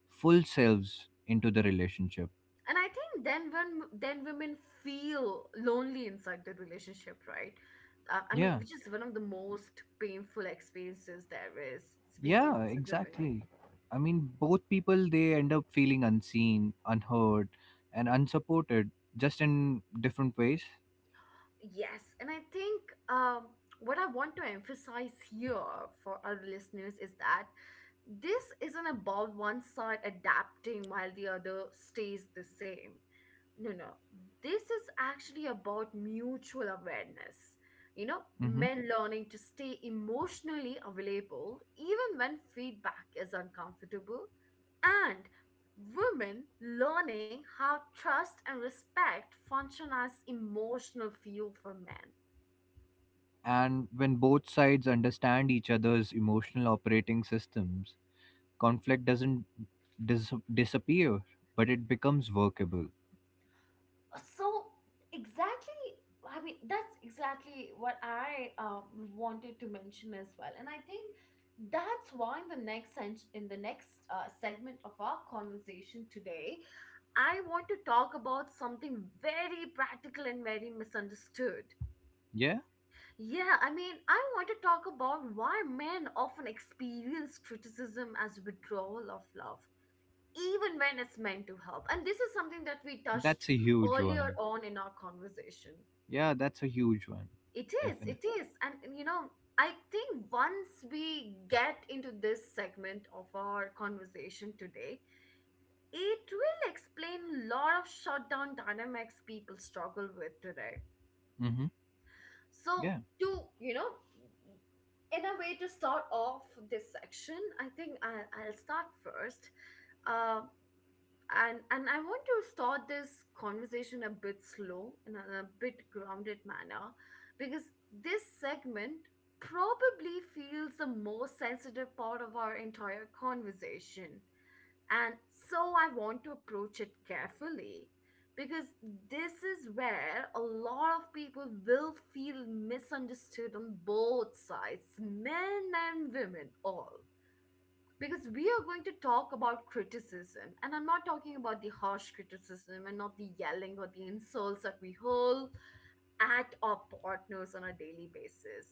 Speaker 2: full selves into the relationship.
Speaker 1: And I think then, when then women feel lonely inside the relationship, right? I mean,
Speaker 2: Yeah.
Speaker 1: which is one of the most painful experiences there is. Speaking
Speaker 2: Yeah,
Speaker 1: as a woman.
Speaker 2: exactly. I mean, both people, they end up feeling unseen, unheard, and unsupported, just in different ways.
Speaker 1: Yes, and I think, um, what I want to emphasize here for our listeners is that this isn't about one side adapting while the other stays the same. No, no. This is actually about mutual awareness. You know, men learning to stay emotionally available even when feedback is uncomfortable, and women learning how trust and respect function as emotional fuel for men.
Speaker 2: And when both sides understand each other's emotional operating systems, conflict doesn't disappear, but it becomes workable.
Speaker 1: So, exactly. I mean, that's exactly what I wanted to mention as well. And I think that's why in the next in the next segment of our conversation today, I want to talk about something very practical and very misunderstood.
Speaker 2: Yeah,
Speaker 1: Yeah, I mean, I want to talk about why men often experience criticism as withdrawal of love even when it's meant to help. And this is something that we touched
Speaker 2: that's a huge
Speaker 1: earlier
Speaker 2: one.
Speaker 1: on in our conversation.
Speaker 2: Yeah, that's a huge one.
Speaker 1: It is,
Speaker 2: Definitely.
Speaker 1: it is. I think once we get into this segment of our conversation today, it will explain a lot of shutdown dynamics people struggle with today.
Speaker 2: Mm-hmm.
Speaker 1: So,
Speaker 2: Yeah.
Speaker 1: to, you know, in a way to start off this section, I think I'll start first. Uh, and I want to start this conversation a bit slow in a bit grounded manner because this segment probably feels the most sensitive part of our entire conversation, and so I want to approach it carefully because this is where a lot of people will feel misunderstood on both sides, men and women, all because we are going to talk about criticism. And I'm not talking about the harsh criticism and not the yelling or the insults that we hurl at our partners on a daily basis,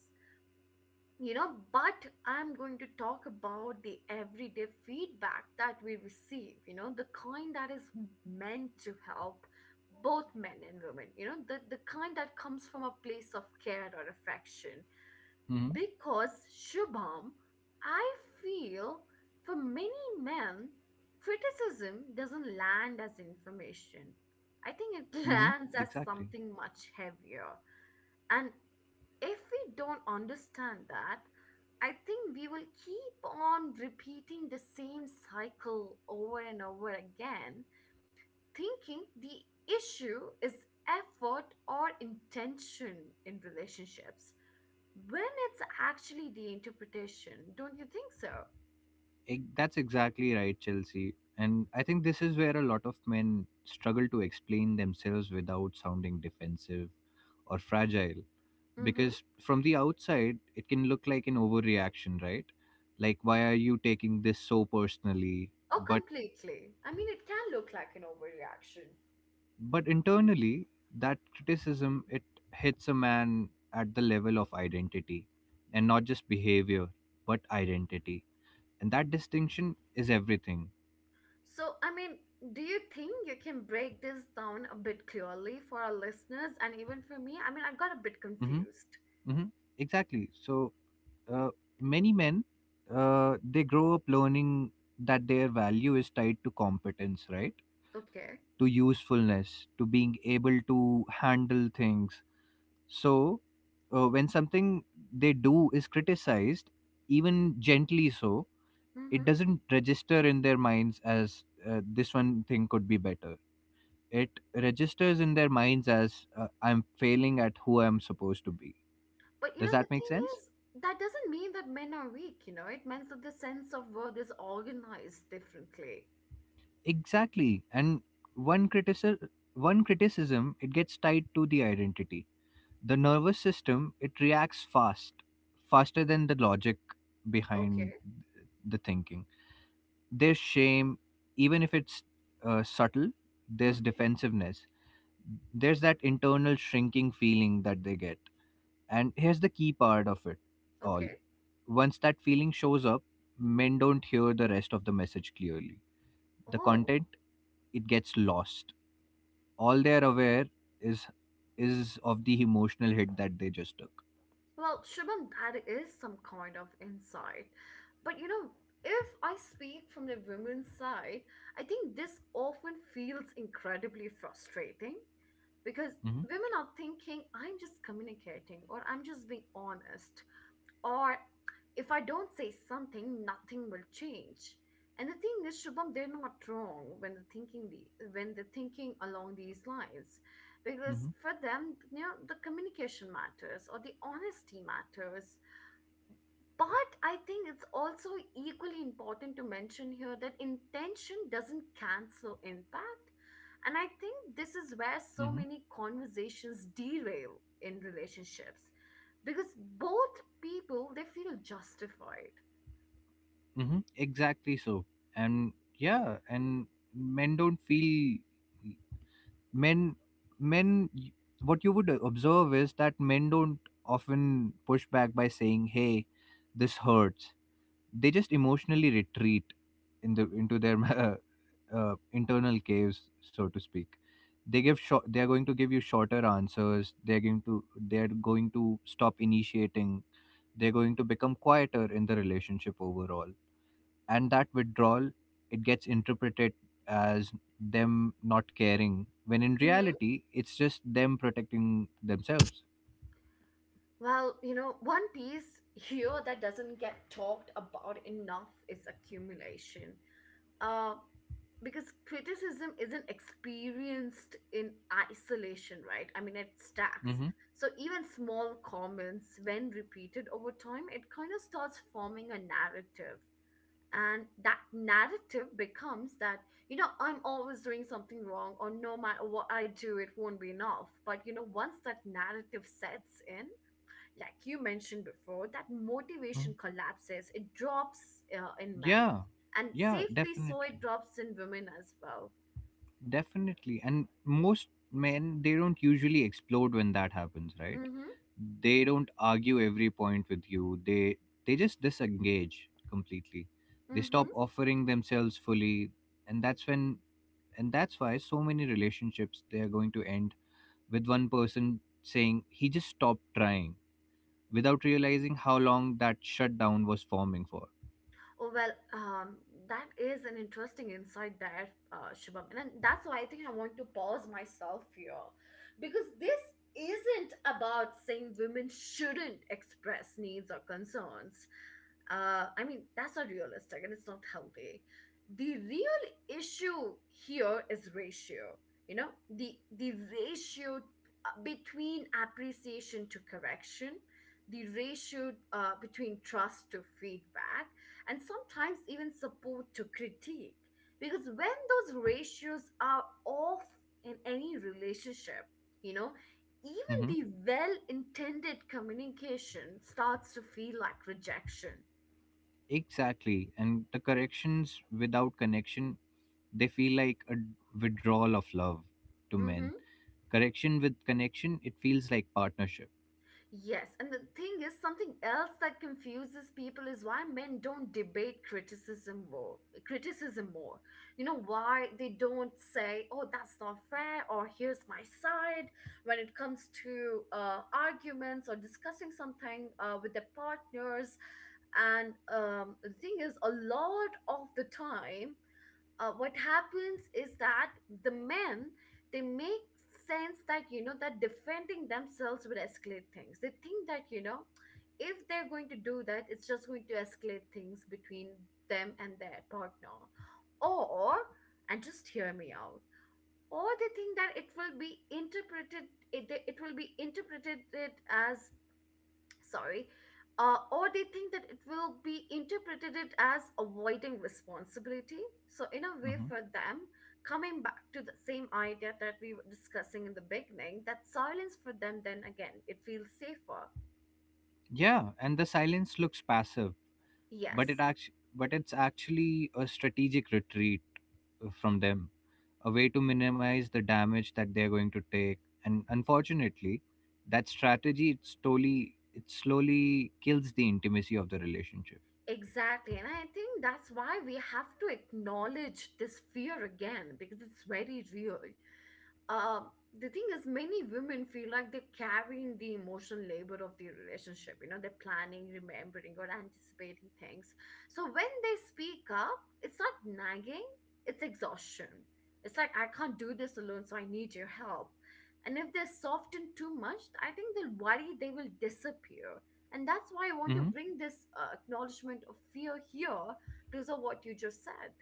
Speaker 1: you know, but I'm going to talk about the everyday feedback that we receive, you know, the kind that is meant to help both men and women, you know, the kind that comes from a place of care or affection.
Speaker 2: Mm-hmm.
Speaker 1: Because, Shubham, I feel, for many men, criticism doesn't land as information. I think it
Speaker 2: Mm-hmm.
Speaker 1: lands as
Speaker 2: Exactly.
Speaker 1: something much heavier. And if we don't understand that, I think we will keep on repeating the same cycle over and over again, thinking the issue is effort or intention in relationships when it's actually the interpretation, don't you think so?
Speaker 2: That's exactly right, Chelsea. And I think this is where a lot of men struggle to explain themselves without sounding defensive or fragile,
Speaker 1: Mm-hmm.
Speaker 2: because from the outside it can look like an overreaction, right? Like, why are you taking this so personally?
Speaker 1: Oh,
Speaker 2: but
Speaker 1: completely. I mean, it can look like an overreaction.
Speaker 2: but internally, that criticism, it hits a man at the level of identity, and not just behavior, but identity. And that distinction is everything.
Speaker 1: So, I mean, do you think you can break this down a bit clearly for our listeners and even for me? I mean, I got a bit
Speaker 2: Mhm.
Speaker 1: confused.
Speaker 2: Mhm. Exactly. So, uh, many men, they grow up learning that their value is tied to competence, right?
Speaker 1: Okay.
Speaker 2: To usefulness, to being able to handle things. So, when something they do is criticized, even gently so, it
Speaker 1: Mm-hmm.
Speaker 2: doesn't register in their minds as, this one thing could be better. It registers in their minds as, I'm failing at who I'm supposed to be.
Speaker 1: But you
Speaker 2: Does
Speaker 1: know, the
Speaker 2: that make
Speaker 1: thing
Speaker 2: sense?
Speaker 1: is, that doesn't mean that men are weak, you know, it means that the sense of word is organized differently.
Speaker 2: Exactly. And one criticism, one criticism, it gets tied to the identity. The nervous system, it reacts fast, faster than the logic behind
Speaker 1: Okay.
Speaker 2: the thinking. There's shame, even if it's subtle, there's
Speaker 1: Mhm.
Speaker 2: defensiveness, there's that internal shrinking feeling that they get. And here's the key part of it all.
Speaker 1: Okay.
Speaker 2: Once that feeling shows up, men don't hear the rest of the message clearly. The
Speaker 1: Oh.
Speaker 2: content, it gets lost. All they're aware is is of the emotional hit that they just took.
Speaker 1: Well, Shubham, that is some kind of insight. But you know, if I speak from the women's side, I think this often feels incredibly frustrating because
Speaker 2: Hmm.
Speaker 1: women are thinking, I'm just communicating, or I'm just being honest, or if I don't say something, nothing will change. And the thing is, Shubham, they're not wrong when they're thinking the when they're thinking along these lines, because for them, you know, the communication matters or the honesty matters. But I think it's also equally important to mention here that intention doesn't cancel impact. And I think this is where so
Speaker 2: Mm-hmm.
Speaker 1: many conversations derail in relationships because both people they feel justified.
Speaker 2: Mm-hmm. Exactly so. And men don't feel... men men What you would observe is that men don't often push back by saying, "Hey, this hurts." They just emotionally retreat in the into their internal caves, so to speak. They give short. They are going to give you shorter answers. They are going to stop initiating. They're going to become quieter in the relationship overall. And that withdrawal, it gets interpreted as them not caring, when in
Speaker 1: Mhm.
Speaker 2: reality it's just them protecting themselves.
Speaker 1: Well, you know, one piece here that doesn't get talked about enough is accumulation. Uh, because criticism isn't experienced in isolation, right? I mean, it stacks.
Speaker 2: Mm-hmm.
Speaker 1: So even small comments, when repeated over time, it kind of starts forming a narrative. And that narrative becomes that, you know, I'm always doing something wrong, or no matter what I do, it won't be enough. But, you know, once that narrative sets in, like you mentioned before, that
Speaker 2: Hmm.
Speaker 1: motivation collapses. It drops in men,
Speaker 2: Yeah.
Speaker 1: and
Speaker 2: Yeah,
Speaker 1: safely so,
Speaker 2: definitely.
Speaker 1: it drops in women as well.
Speaker 2: Definitely. And most men, they don't usually explode when that happens, right?
Speaker 1: Mm-hmm.
Speaker 2: They don't argue every point with you. They just disengage completely. They
Speaker 1: Mm-hmm.
Speaker 2: stop offering themselves fully. And that's when and that's why so many relationships, they are going to end with one person saying, he just stopped trying, without realizing how long that shutdown was forming for.
Speaker 1: Oh, well, that is an interesting insight there, Shubham. And that's why I think I want to pause myself here because this isn't about saying women shouldn't express needs or concerns. I mean, that's not realistic and it's not healthy. The real issue here is ratio, you know, the ratio between appreciation to correction, the ratio between trust to feedback, and sometimes even support to critique. Because when those ratios are off in any relationship, you know, even
Speaker 2: Hmm.
Speaker 1: the well intended communication starts to feel like rejection.
Speaker 2: Exactly. And the corrections without connection, they feel like a withdrawal of love to men.
Speaker 1: Mm-hmm.
Speaker 2: Correction with connection, it feels like partnership.
Speaker 1: Yes, and the thing is, something else that confuses people is why men don't debate criticism more. Criticism more. You know why they don't say, "Oh, that's not fair," or "Here's my side." When it comes to arguments or discussing something with their partners, and the thing is, a lot of the time what happens is that the men they make sense that, you know, that defending themselves will escalate things. They think that, you know, if they're going to do that, it's just going to escalate things between them and their partner, or, and just hear me out, or they think that it will be interpreted it will be interpreted as sorry, or they think that it will be interpreted it as avoiding responsibility. So, in a way,
Speaker 2: Hmm.
Speaker 1: for them, coming back to the same idea that we were discussing in the beginning, that silence for them, then again, it feels safer.
Speaker 2: Yeah, and the silence looks passive,
Speaker 1: Yes,
Speaker 2: but but it's actually a strategic retreat, from them. A way to minimize the damage that they're going to take. And unfortunately, that strategy, it slowly kills the intimacy of the relationship.
Speaker 1: exactly. And I think that's why we have to acknowledge this fear again because it's very real. Um, the thing is, many women feel like they're carrying the emotional labor of the relationship, you know, they're planning, remembering, or anticipating things. So when they speak up, it's not nagging, it's exhaustion, it's like, I can't do this alone, so I need your help. And if they're softened too much, I think they'll worry they will disappear. And that's why I want to
Speaker 2: Hmm.
Speaker 1: bring this acknowledgement of fear here because of what you just said.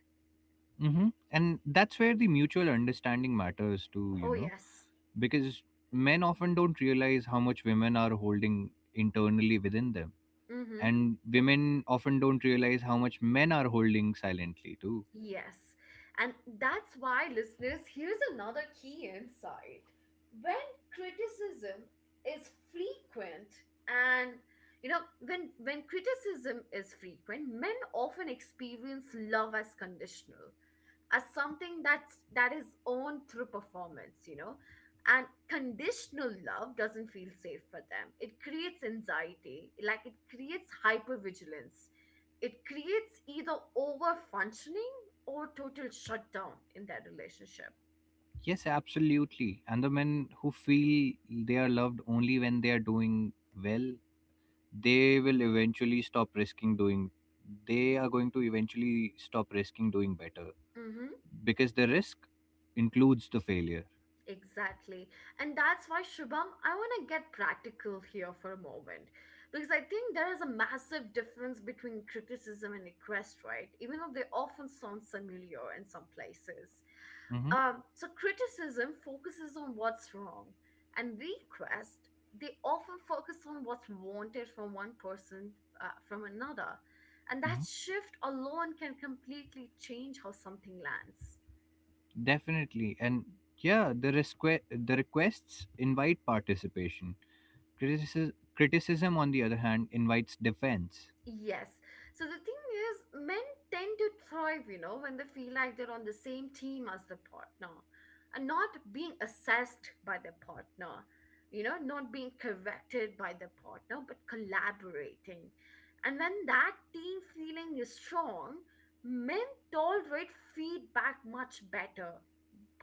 Speaker 2: Hmm. And that's where the mutual understanding matters too,
Speaker 1: Oh
Speaker 2: you know,
Speaker 1: yes.
Speaker 2: because men often don't realize how much women are holding internally within them.
Speaker 1: Mm-hmm.
Speaker 2: And women often don't realize how much men are holding silently too.
Speaker 1: Yes. And that's why, listeners, here's another key insight. When criticism is frequent and, you know, when criticism is frequent, men often experience love as conditional, as something that is owned through performance, you know. And conditional love doesn't feel safe for them. It creates anxiety, like it creates hypervigilance, it creates either over functioning or total shutdown in their relationship.
Speaker 2: Yes, absolutely. And the men who feel they are loved only when they are doing well, they will eventually stop risking doing they are going to eventually stop risking doing better,
Speaker 1: Mm-hmm.
Speaker 2: because the risk includes the failure.
Speaker 1: Exactly. And that's why, Shubham, I want to get practical here for a moment. Because I think there is a massive difference between criticism and request, right? Even though they often sound similar in some places.
Speaker 2: Hmm.
Speaker 1: So, criticism focuses on what's wrong, and request, they often focus on what's wanted from one person from another. And that
Speaker 2: Hmm.
Speaker 1: shift alone can completely change how something lands.
Speaker 2: Definitely. And the requests invite participation. Criticism on the other hand invites defense.
Speaker 1: Yes. So the thing is, men tend to thrive, you know, when they feel like they're on the same team as the partner and not being assessed by the partner, you know, not being corrected by the partner, but collaborating. And when that team feeling is strong, men tolerate feedback much better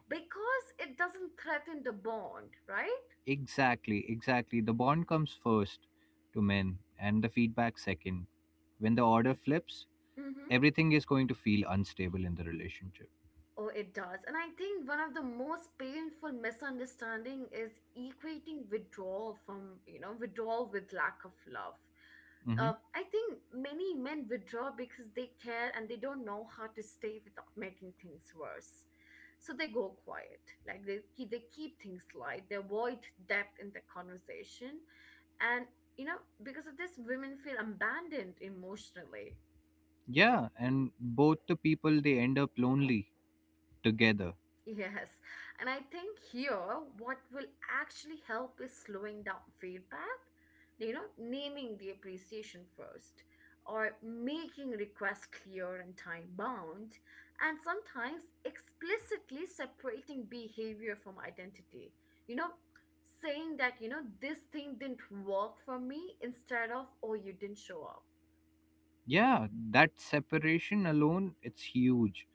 Speaker 1: because it doesn't threaten the bond, right?
Speaker 2: Exactly, exactly. The bond comes first to men, and the feedback second. When the order flips,
Speaker 1: Mm-hmm.
Speaker 2: everything is going to feel unstable in the relationship.
Speaker 1: Oh, it does. And I think one of the most painful misunderstanding is equating withdrawal from, you know, withdrawal with lack of love. I think many men withdraw because they care and they don't know how to stay without making things worse. So they go quiet, like they keep things light, they avoid depth in the conversation, and you know, because of this, women feel abandoned emotionally.
Speaker 2: Yeah, and both the people, they end up lonely together.
Speaker 1: Yes, and I think here what will actually help is slowing down feedback, you know, naming the appreciation first, or making requests clear and time bound, and sometimes explicitly separating behavior from identity. You know, saying that, you know, this thing didn't work for me instead of, oh, you didn't show up.
Speaker 2: Yeah, that separation alone, it's huge.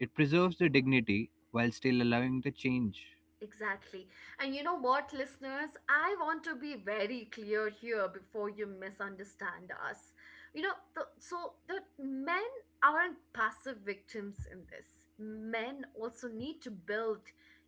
Speaker 2: It preserves the dignity while still allowing the change.
Speaker 1: Exactly. And you know what, listeners? I want to be very clear here before you misunderstand us. So, the men aren't passive victims in this. Men also need to build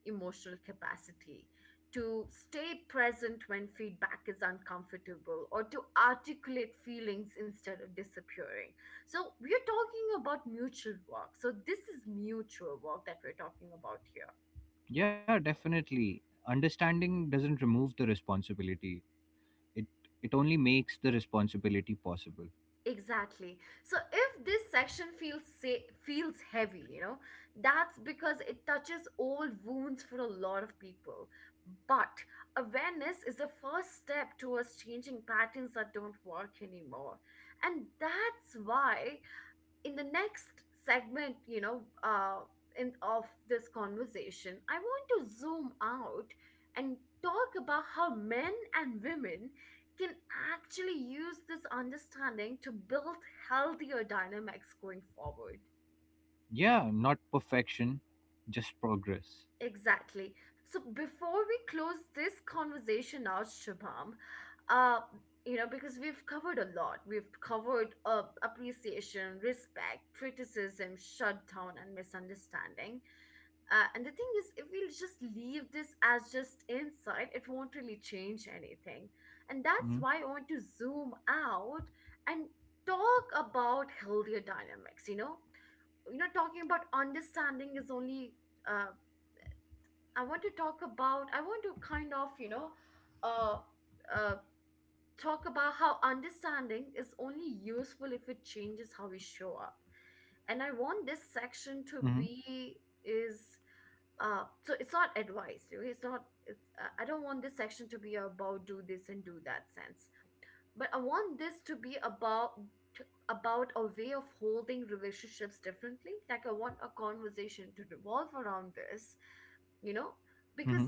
Speaker 1: emotional capacity to stay present when feedback is uncomfortable, or to articulate feelings instead of disappearing. So, we're talking about mutual work. So, this is mutual work that we're talking about here.
Speaker 2: Yeah, definitely. Understanding doesn't remove the responsibility. It it only makes the responsibility possible.
Speaker 1: Exactly. So if this section feels heavy, you know, that's because it touches old wounds for a lot of people. But awareness is the first step towards changing patterns that don't work anymore. And that's why in the next segment, you know, in of this conversation, I want to zoom out and talk about how men and women can actually use this understanding to build healthier dynamics going forward.
Speaker 2: Yeah, not perfection, just progress.
Speaker 1: Exactly. So before we close this conversation out, Shabam, uh, you know, because we've covered a lot. We've covered appreciation, respect, criticism, shutdown, and misunderstanding. And the thing is, if we just leave this as just insight, it won't really change anything. And that's
Speaker 2: Mm-hmm.
Speaker 1: why I want to zoom out and talk about healthier dynamics. You know, talking about understanding is only. Uh, I want to talk about. I want to kind of, you know, uh, uh, talk about how understanding is only useful if it changes how we show up. And I want this section to
Speaker 2: Mm-hmm.
Speaker 1: be is so it's not advice, okay? it's not it's I don't want this section to be about do this and do that sense, but I want this to be about about a way of holding relationships differently. Like I want a conversation to revolve around this, you know, because
Speaker 2: Mm-hmm.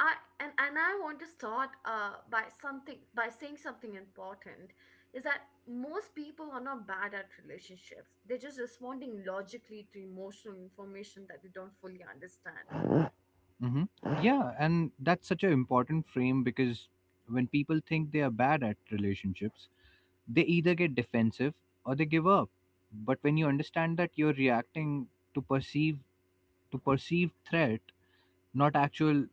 Speaker 1: I and I want to start by something by saying something important, is that most people are not bad at relationships, they're just responding logically to emotional information that they don't fully understand.
Speaker 2: Hmm. Yeah, and that's such an important frame because when people think they are bad at relationships, they either get defensive or they give up. But when you understand that you're reacting to perceived threat, not actual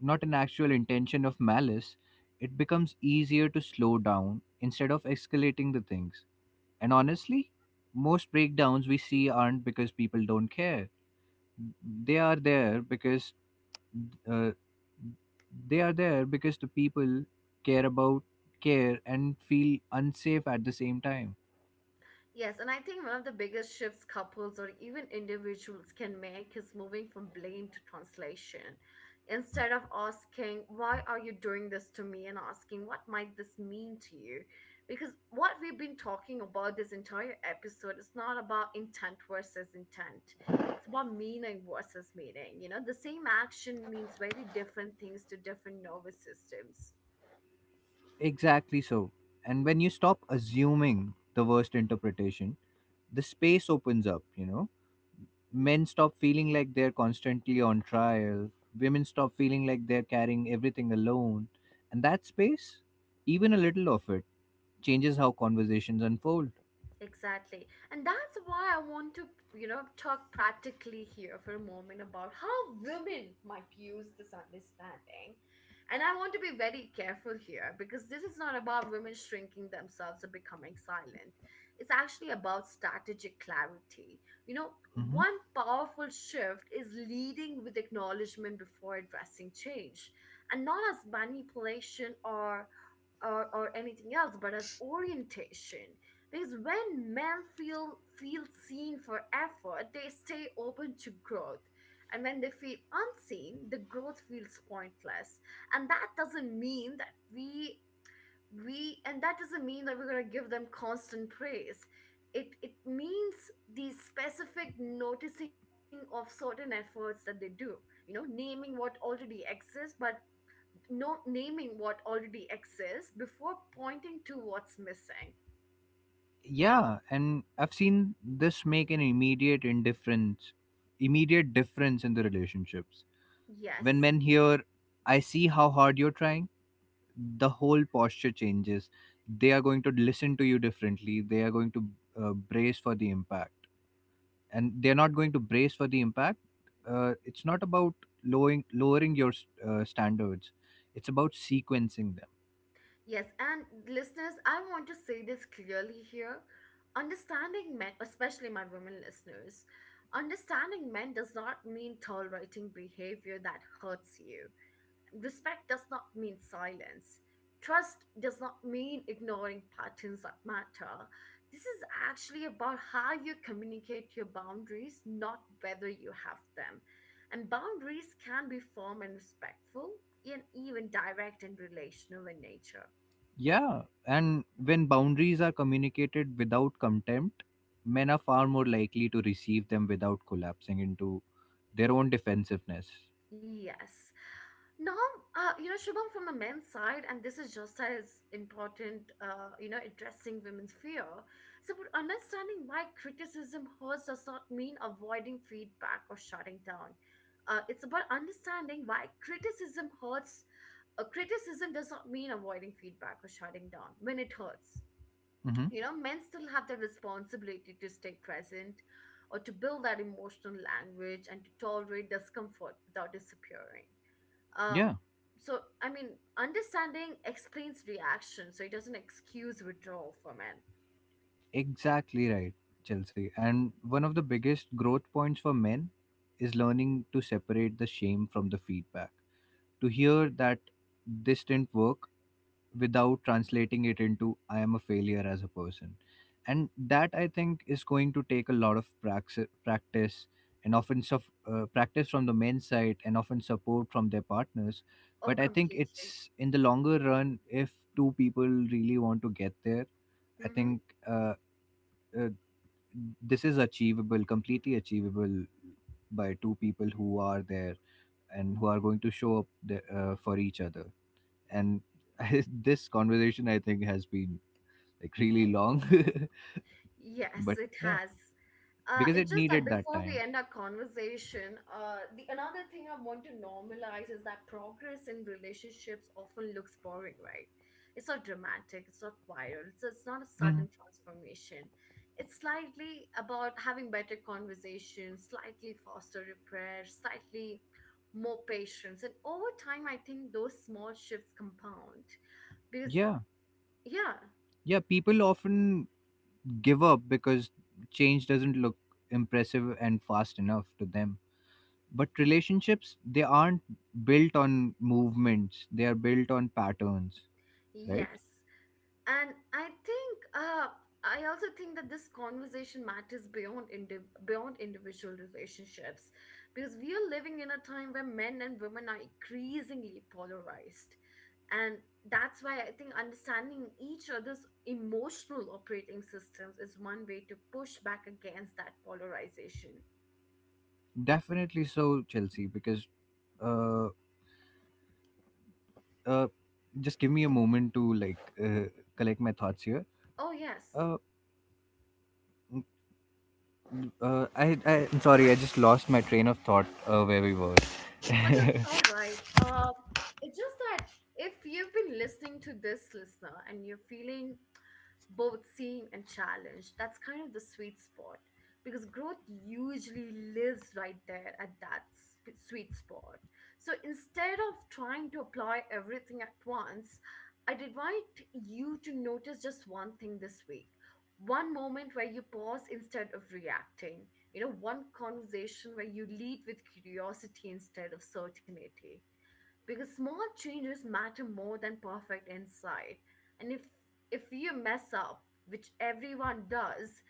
Speaker 2: not an actual intention of malice, it becomes easier to slow down instead of escalating the things. And honestly, most breakdowns we see aren't because people don't care. They are there because uh, they are there because the people care about care and feel unsafe at the same time.
Speaker 1: Yes, and I think one of the biggest shifts couples or even individuals can make is moving from blame to translation. Instead of asking, why are you doing this to me? And asking, what might this mean to you? Because what we've been talking about this entire episode is not about intent versus intent, it's about meaning versus meaning. You know, the same action means very different things to different nervous systems.
Speaker 2: Exactly so. And when you stop assuming the worst interpretation, the space opens up, you know. Men stop feeling like they're constantly on trial, women stop feeling like they're carrying everything alone. And that space, even a little of it, changes how conversations unfold.
Speaker 1: Exactly. And that's why I want to, you know, talk practically here for a moment about how women might use this understanding. And I want to be very careful here because this is not about women shrinking themselves or becoming silent. It's actually about strategic clarity. You know,
Speaker 2: Mhm.
Speaker 1: one powerful shift is leading with acknowledgement before addressing change, and not as manipulation or anything else, but as orientation. Because when men feel seen for effort, they stay open to growth. And when they feel unseen, the growth feels pointless. And that doesn't mean that we and that doesn't mean that we're gonna give them constant praise. It means the specific noticing of certain efforts that they do. You know, naming what already exists, but no naming what already exists before pointing to what's missing.
Speaker 2: Yeah, and I've seen this make an immediate difference in the relationships. When
Speaker 1: Yes.
Speaker 2: men hear, I see how hard you're trying, the whole posture changes. They are going to listen to you differently. They are going to brace for the impact. And they're not going to brace for the impact. It's not about lowering your standards, it's about sequencing them.
Speaker 1: Yes, and listeners, I want to say this clearly here. Understanding men, especially my women listeners, Understanding men does not mean tolerating behavior that hurts you. Respect does not mean silence. Trust does not mean ignoring patterns that matter. This is actually about how you communicate your boundaries, not whether you have them. And boundaries can be firm and respectful, and even direct and relational in nature.
Speaker 2: Yeah, and when boundaries are communicated without contempt, men are far more likely to receive them without collapsing into their own defensiveness.
Speaker 1: Yes. Now, you know, Shubham, from the men's side, and this is just as important, you know, addressing women's fear. So, but understanding why criticism hurts does not mean avoiding feedback or shutting down. It's about understanding why criticism hurts. Criticism does not mean avoiding feedback or shutting down when it hurts.
Speaker 2: Hmm.
Speaker 1: You know, men still have the responsibility to stay present or to build that emotional language and to tolerate discomfort without disappearing. Uh,
Speaker 2: Yeah,
Speaker 1: I mean, understanding explains reaction, so it doesn't excuse withdrawal for men.
Speaker 2: exactly right, Chelsea. And one of the biggest growth points for men is learning to separate the shame from the feedback, to hear that this didn't work without translating it into, I am a failure as a person. And that, I think, is going to take a lot of practice, and often suff practice from the men's side, and often support from their partners.
Speaker 1: Oh,
Speaker 2: But I think
Speaker 1: completely.
Speaker 2: it's in the longer run, if two people really want to get there, I
Speaker 1: Mm-hmm.
Speaker 2: think, uh, this is achievable, completely achievable, by two people who are there and who are going to show up for each other. And this conversation, I think, has been like really long,
Speaker 1: Yes,
Speaker 2: but
Speaker 1: it
Speaker 2: yeah,
Speaker 1: has.
Speaker 2: because it
Speaker 1: It's just that
Speaker 2: needed that
Speaker 1: before we
Speaker 2: time.
Speaker 1: end our conversation, the another thing I want to normalize is that progress in relationships often looks boring, right? It's not dramatic, it's not viral, it's not a
Speaker 2: Mhm.
Speaker 1: sudden transformation. It's slightly about having better conversations, slightly faster repair, slightly more patience. And over time, I think those small shifts compound because,
Speaker 2: Yeah.
Speaker 1: yeah,
Speaker 2: Yeah, people often give up because change doesn't look impressive and fast enough to them, but relationships, they aren't built on movements, they are built on patterns, right?
Speaker 1: yes. And I think I also think that this conversation matters beyond individual relationships, because we are living in a time where men and women are increasingly polarized, and that's why I think understanding each other's emotional operating systems is one way to push back against that polarization.
Speaker 2: Definitely so, Chelsea. Because, uh, uh just give me a moment to like, collect my thoughts here.
Speaker 1: Oh yes.
Speaker 2: uh, mm, I, I'm sorry, I just lost my train of thought, where we were.
Speaker 1: Oh, that's all right. It's just that if you've been listening to this listener and you're feeling both seen and challenged, that's kind of the sweet spot, because growth usually lives right there at that sweet spot. So instead of trying to apply everything at once, I'd invite you to notice just one thing this week. One moment where you pause instead of reacting, you know, one conversation where you lead with curiosity instead of certainty, because small changes matter more than perfect insight. And if you mess up, which everyone does,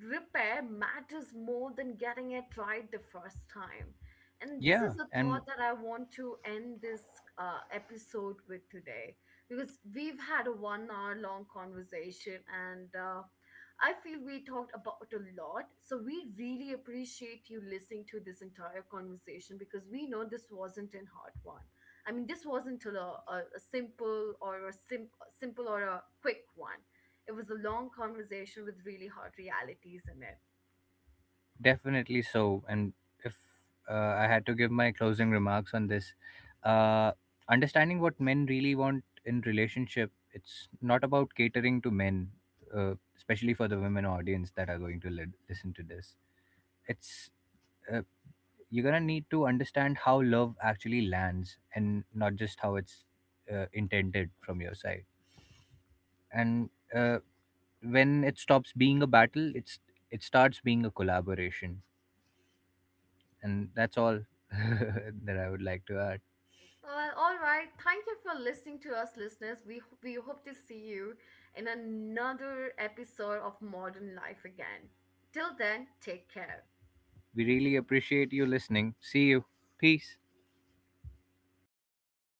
Speaker 1: repair matters more than getting it right the first time. And this
Speaker 2: Yeah,
Speaker 1: is the
Speaker 2: and
Speaker 1: thought that I want to end this episode with today, because we've had a 1 hour long conversation, and I feel we talked about a lot. So we really appreciate you listening to this entire conversation because we know this wasn't an hard one. I mean, this wasn't a simple or a simple or a quick one. It was a long conversation with really hard realities in it.
Speaker 2: definitely so. And if, uh, I had to give my closing remarks on this, uh, understanding what men really want in relationship, it's not about catering to men, especially for the women audience that are going to listen to this. It's, uh, you're gonna need to understand how love actually lands, and not just how it's intended from your side. And when it stops being a battle, it starts being a collaboration. And that's all that I would like to add.
Speaker 1: Well, all right. Thank you for listening to us, listeners. We hope to see you in another episode of Modern Life again. Till then, take care.
Speaker 2: We really appreciate you listening. See you. Peace.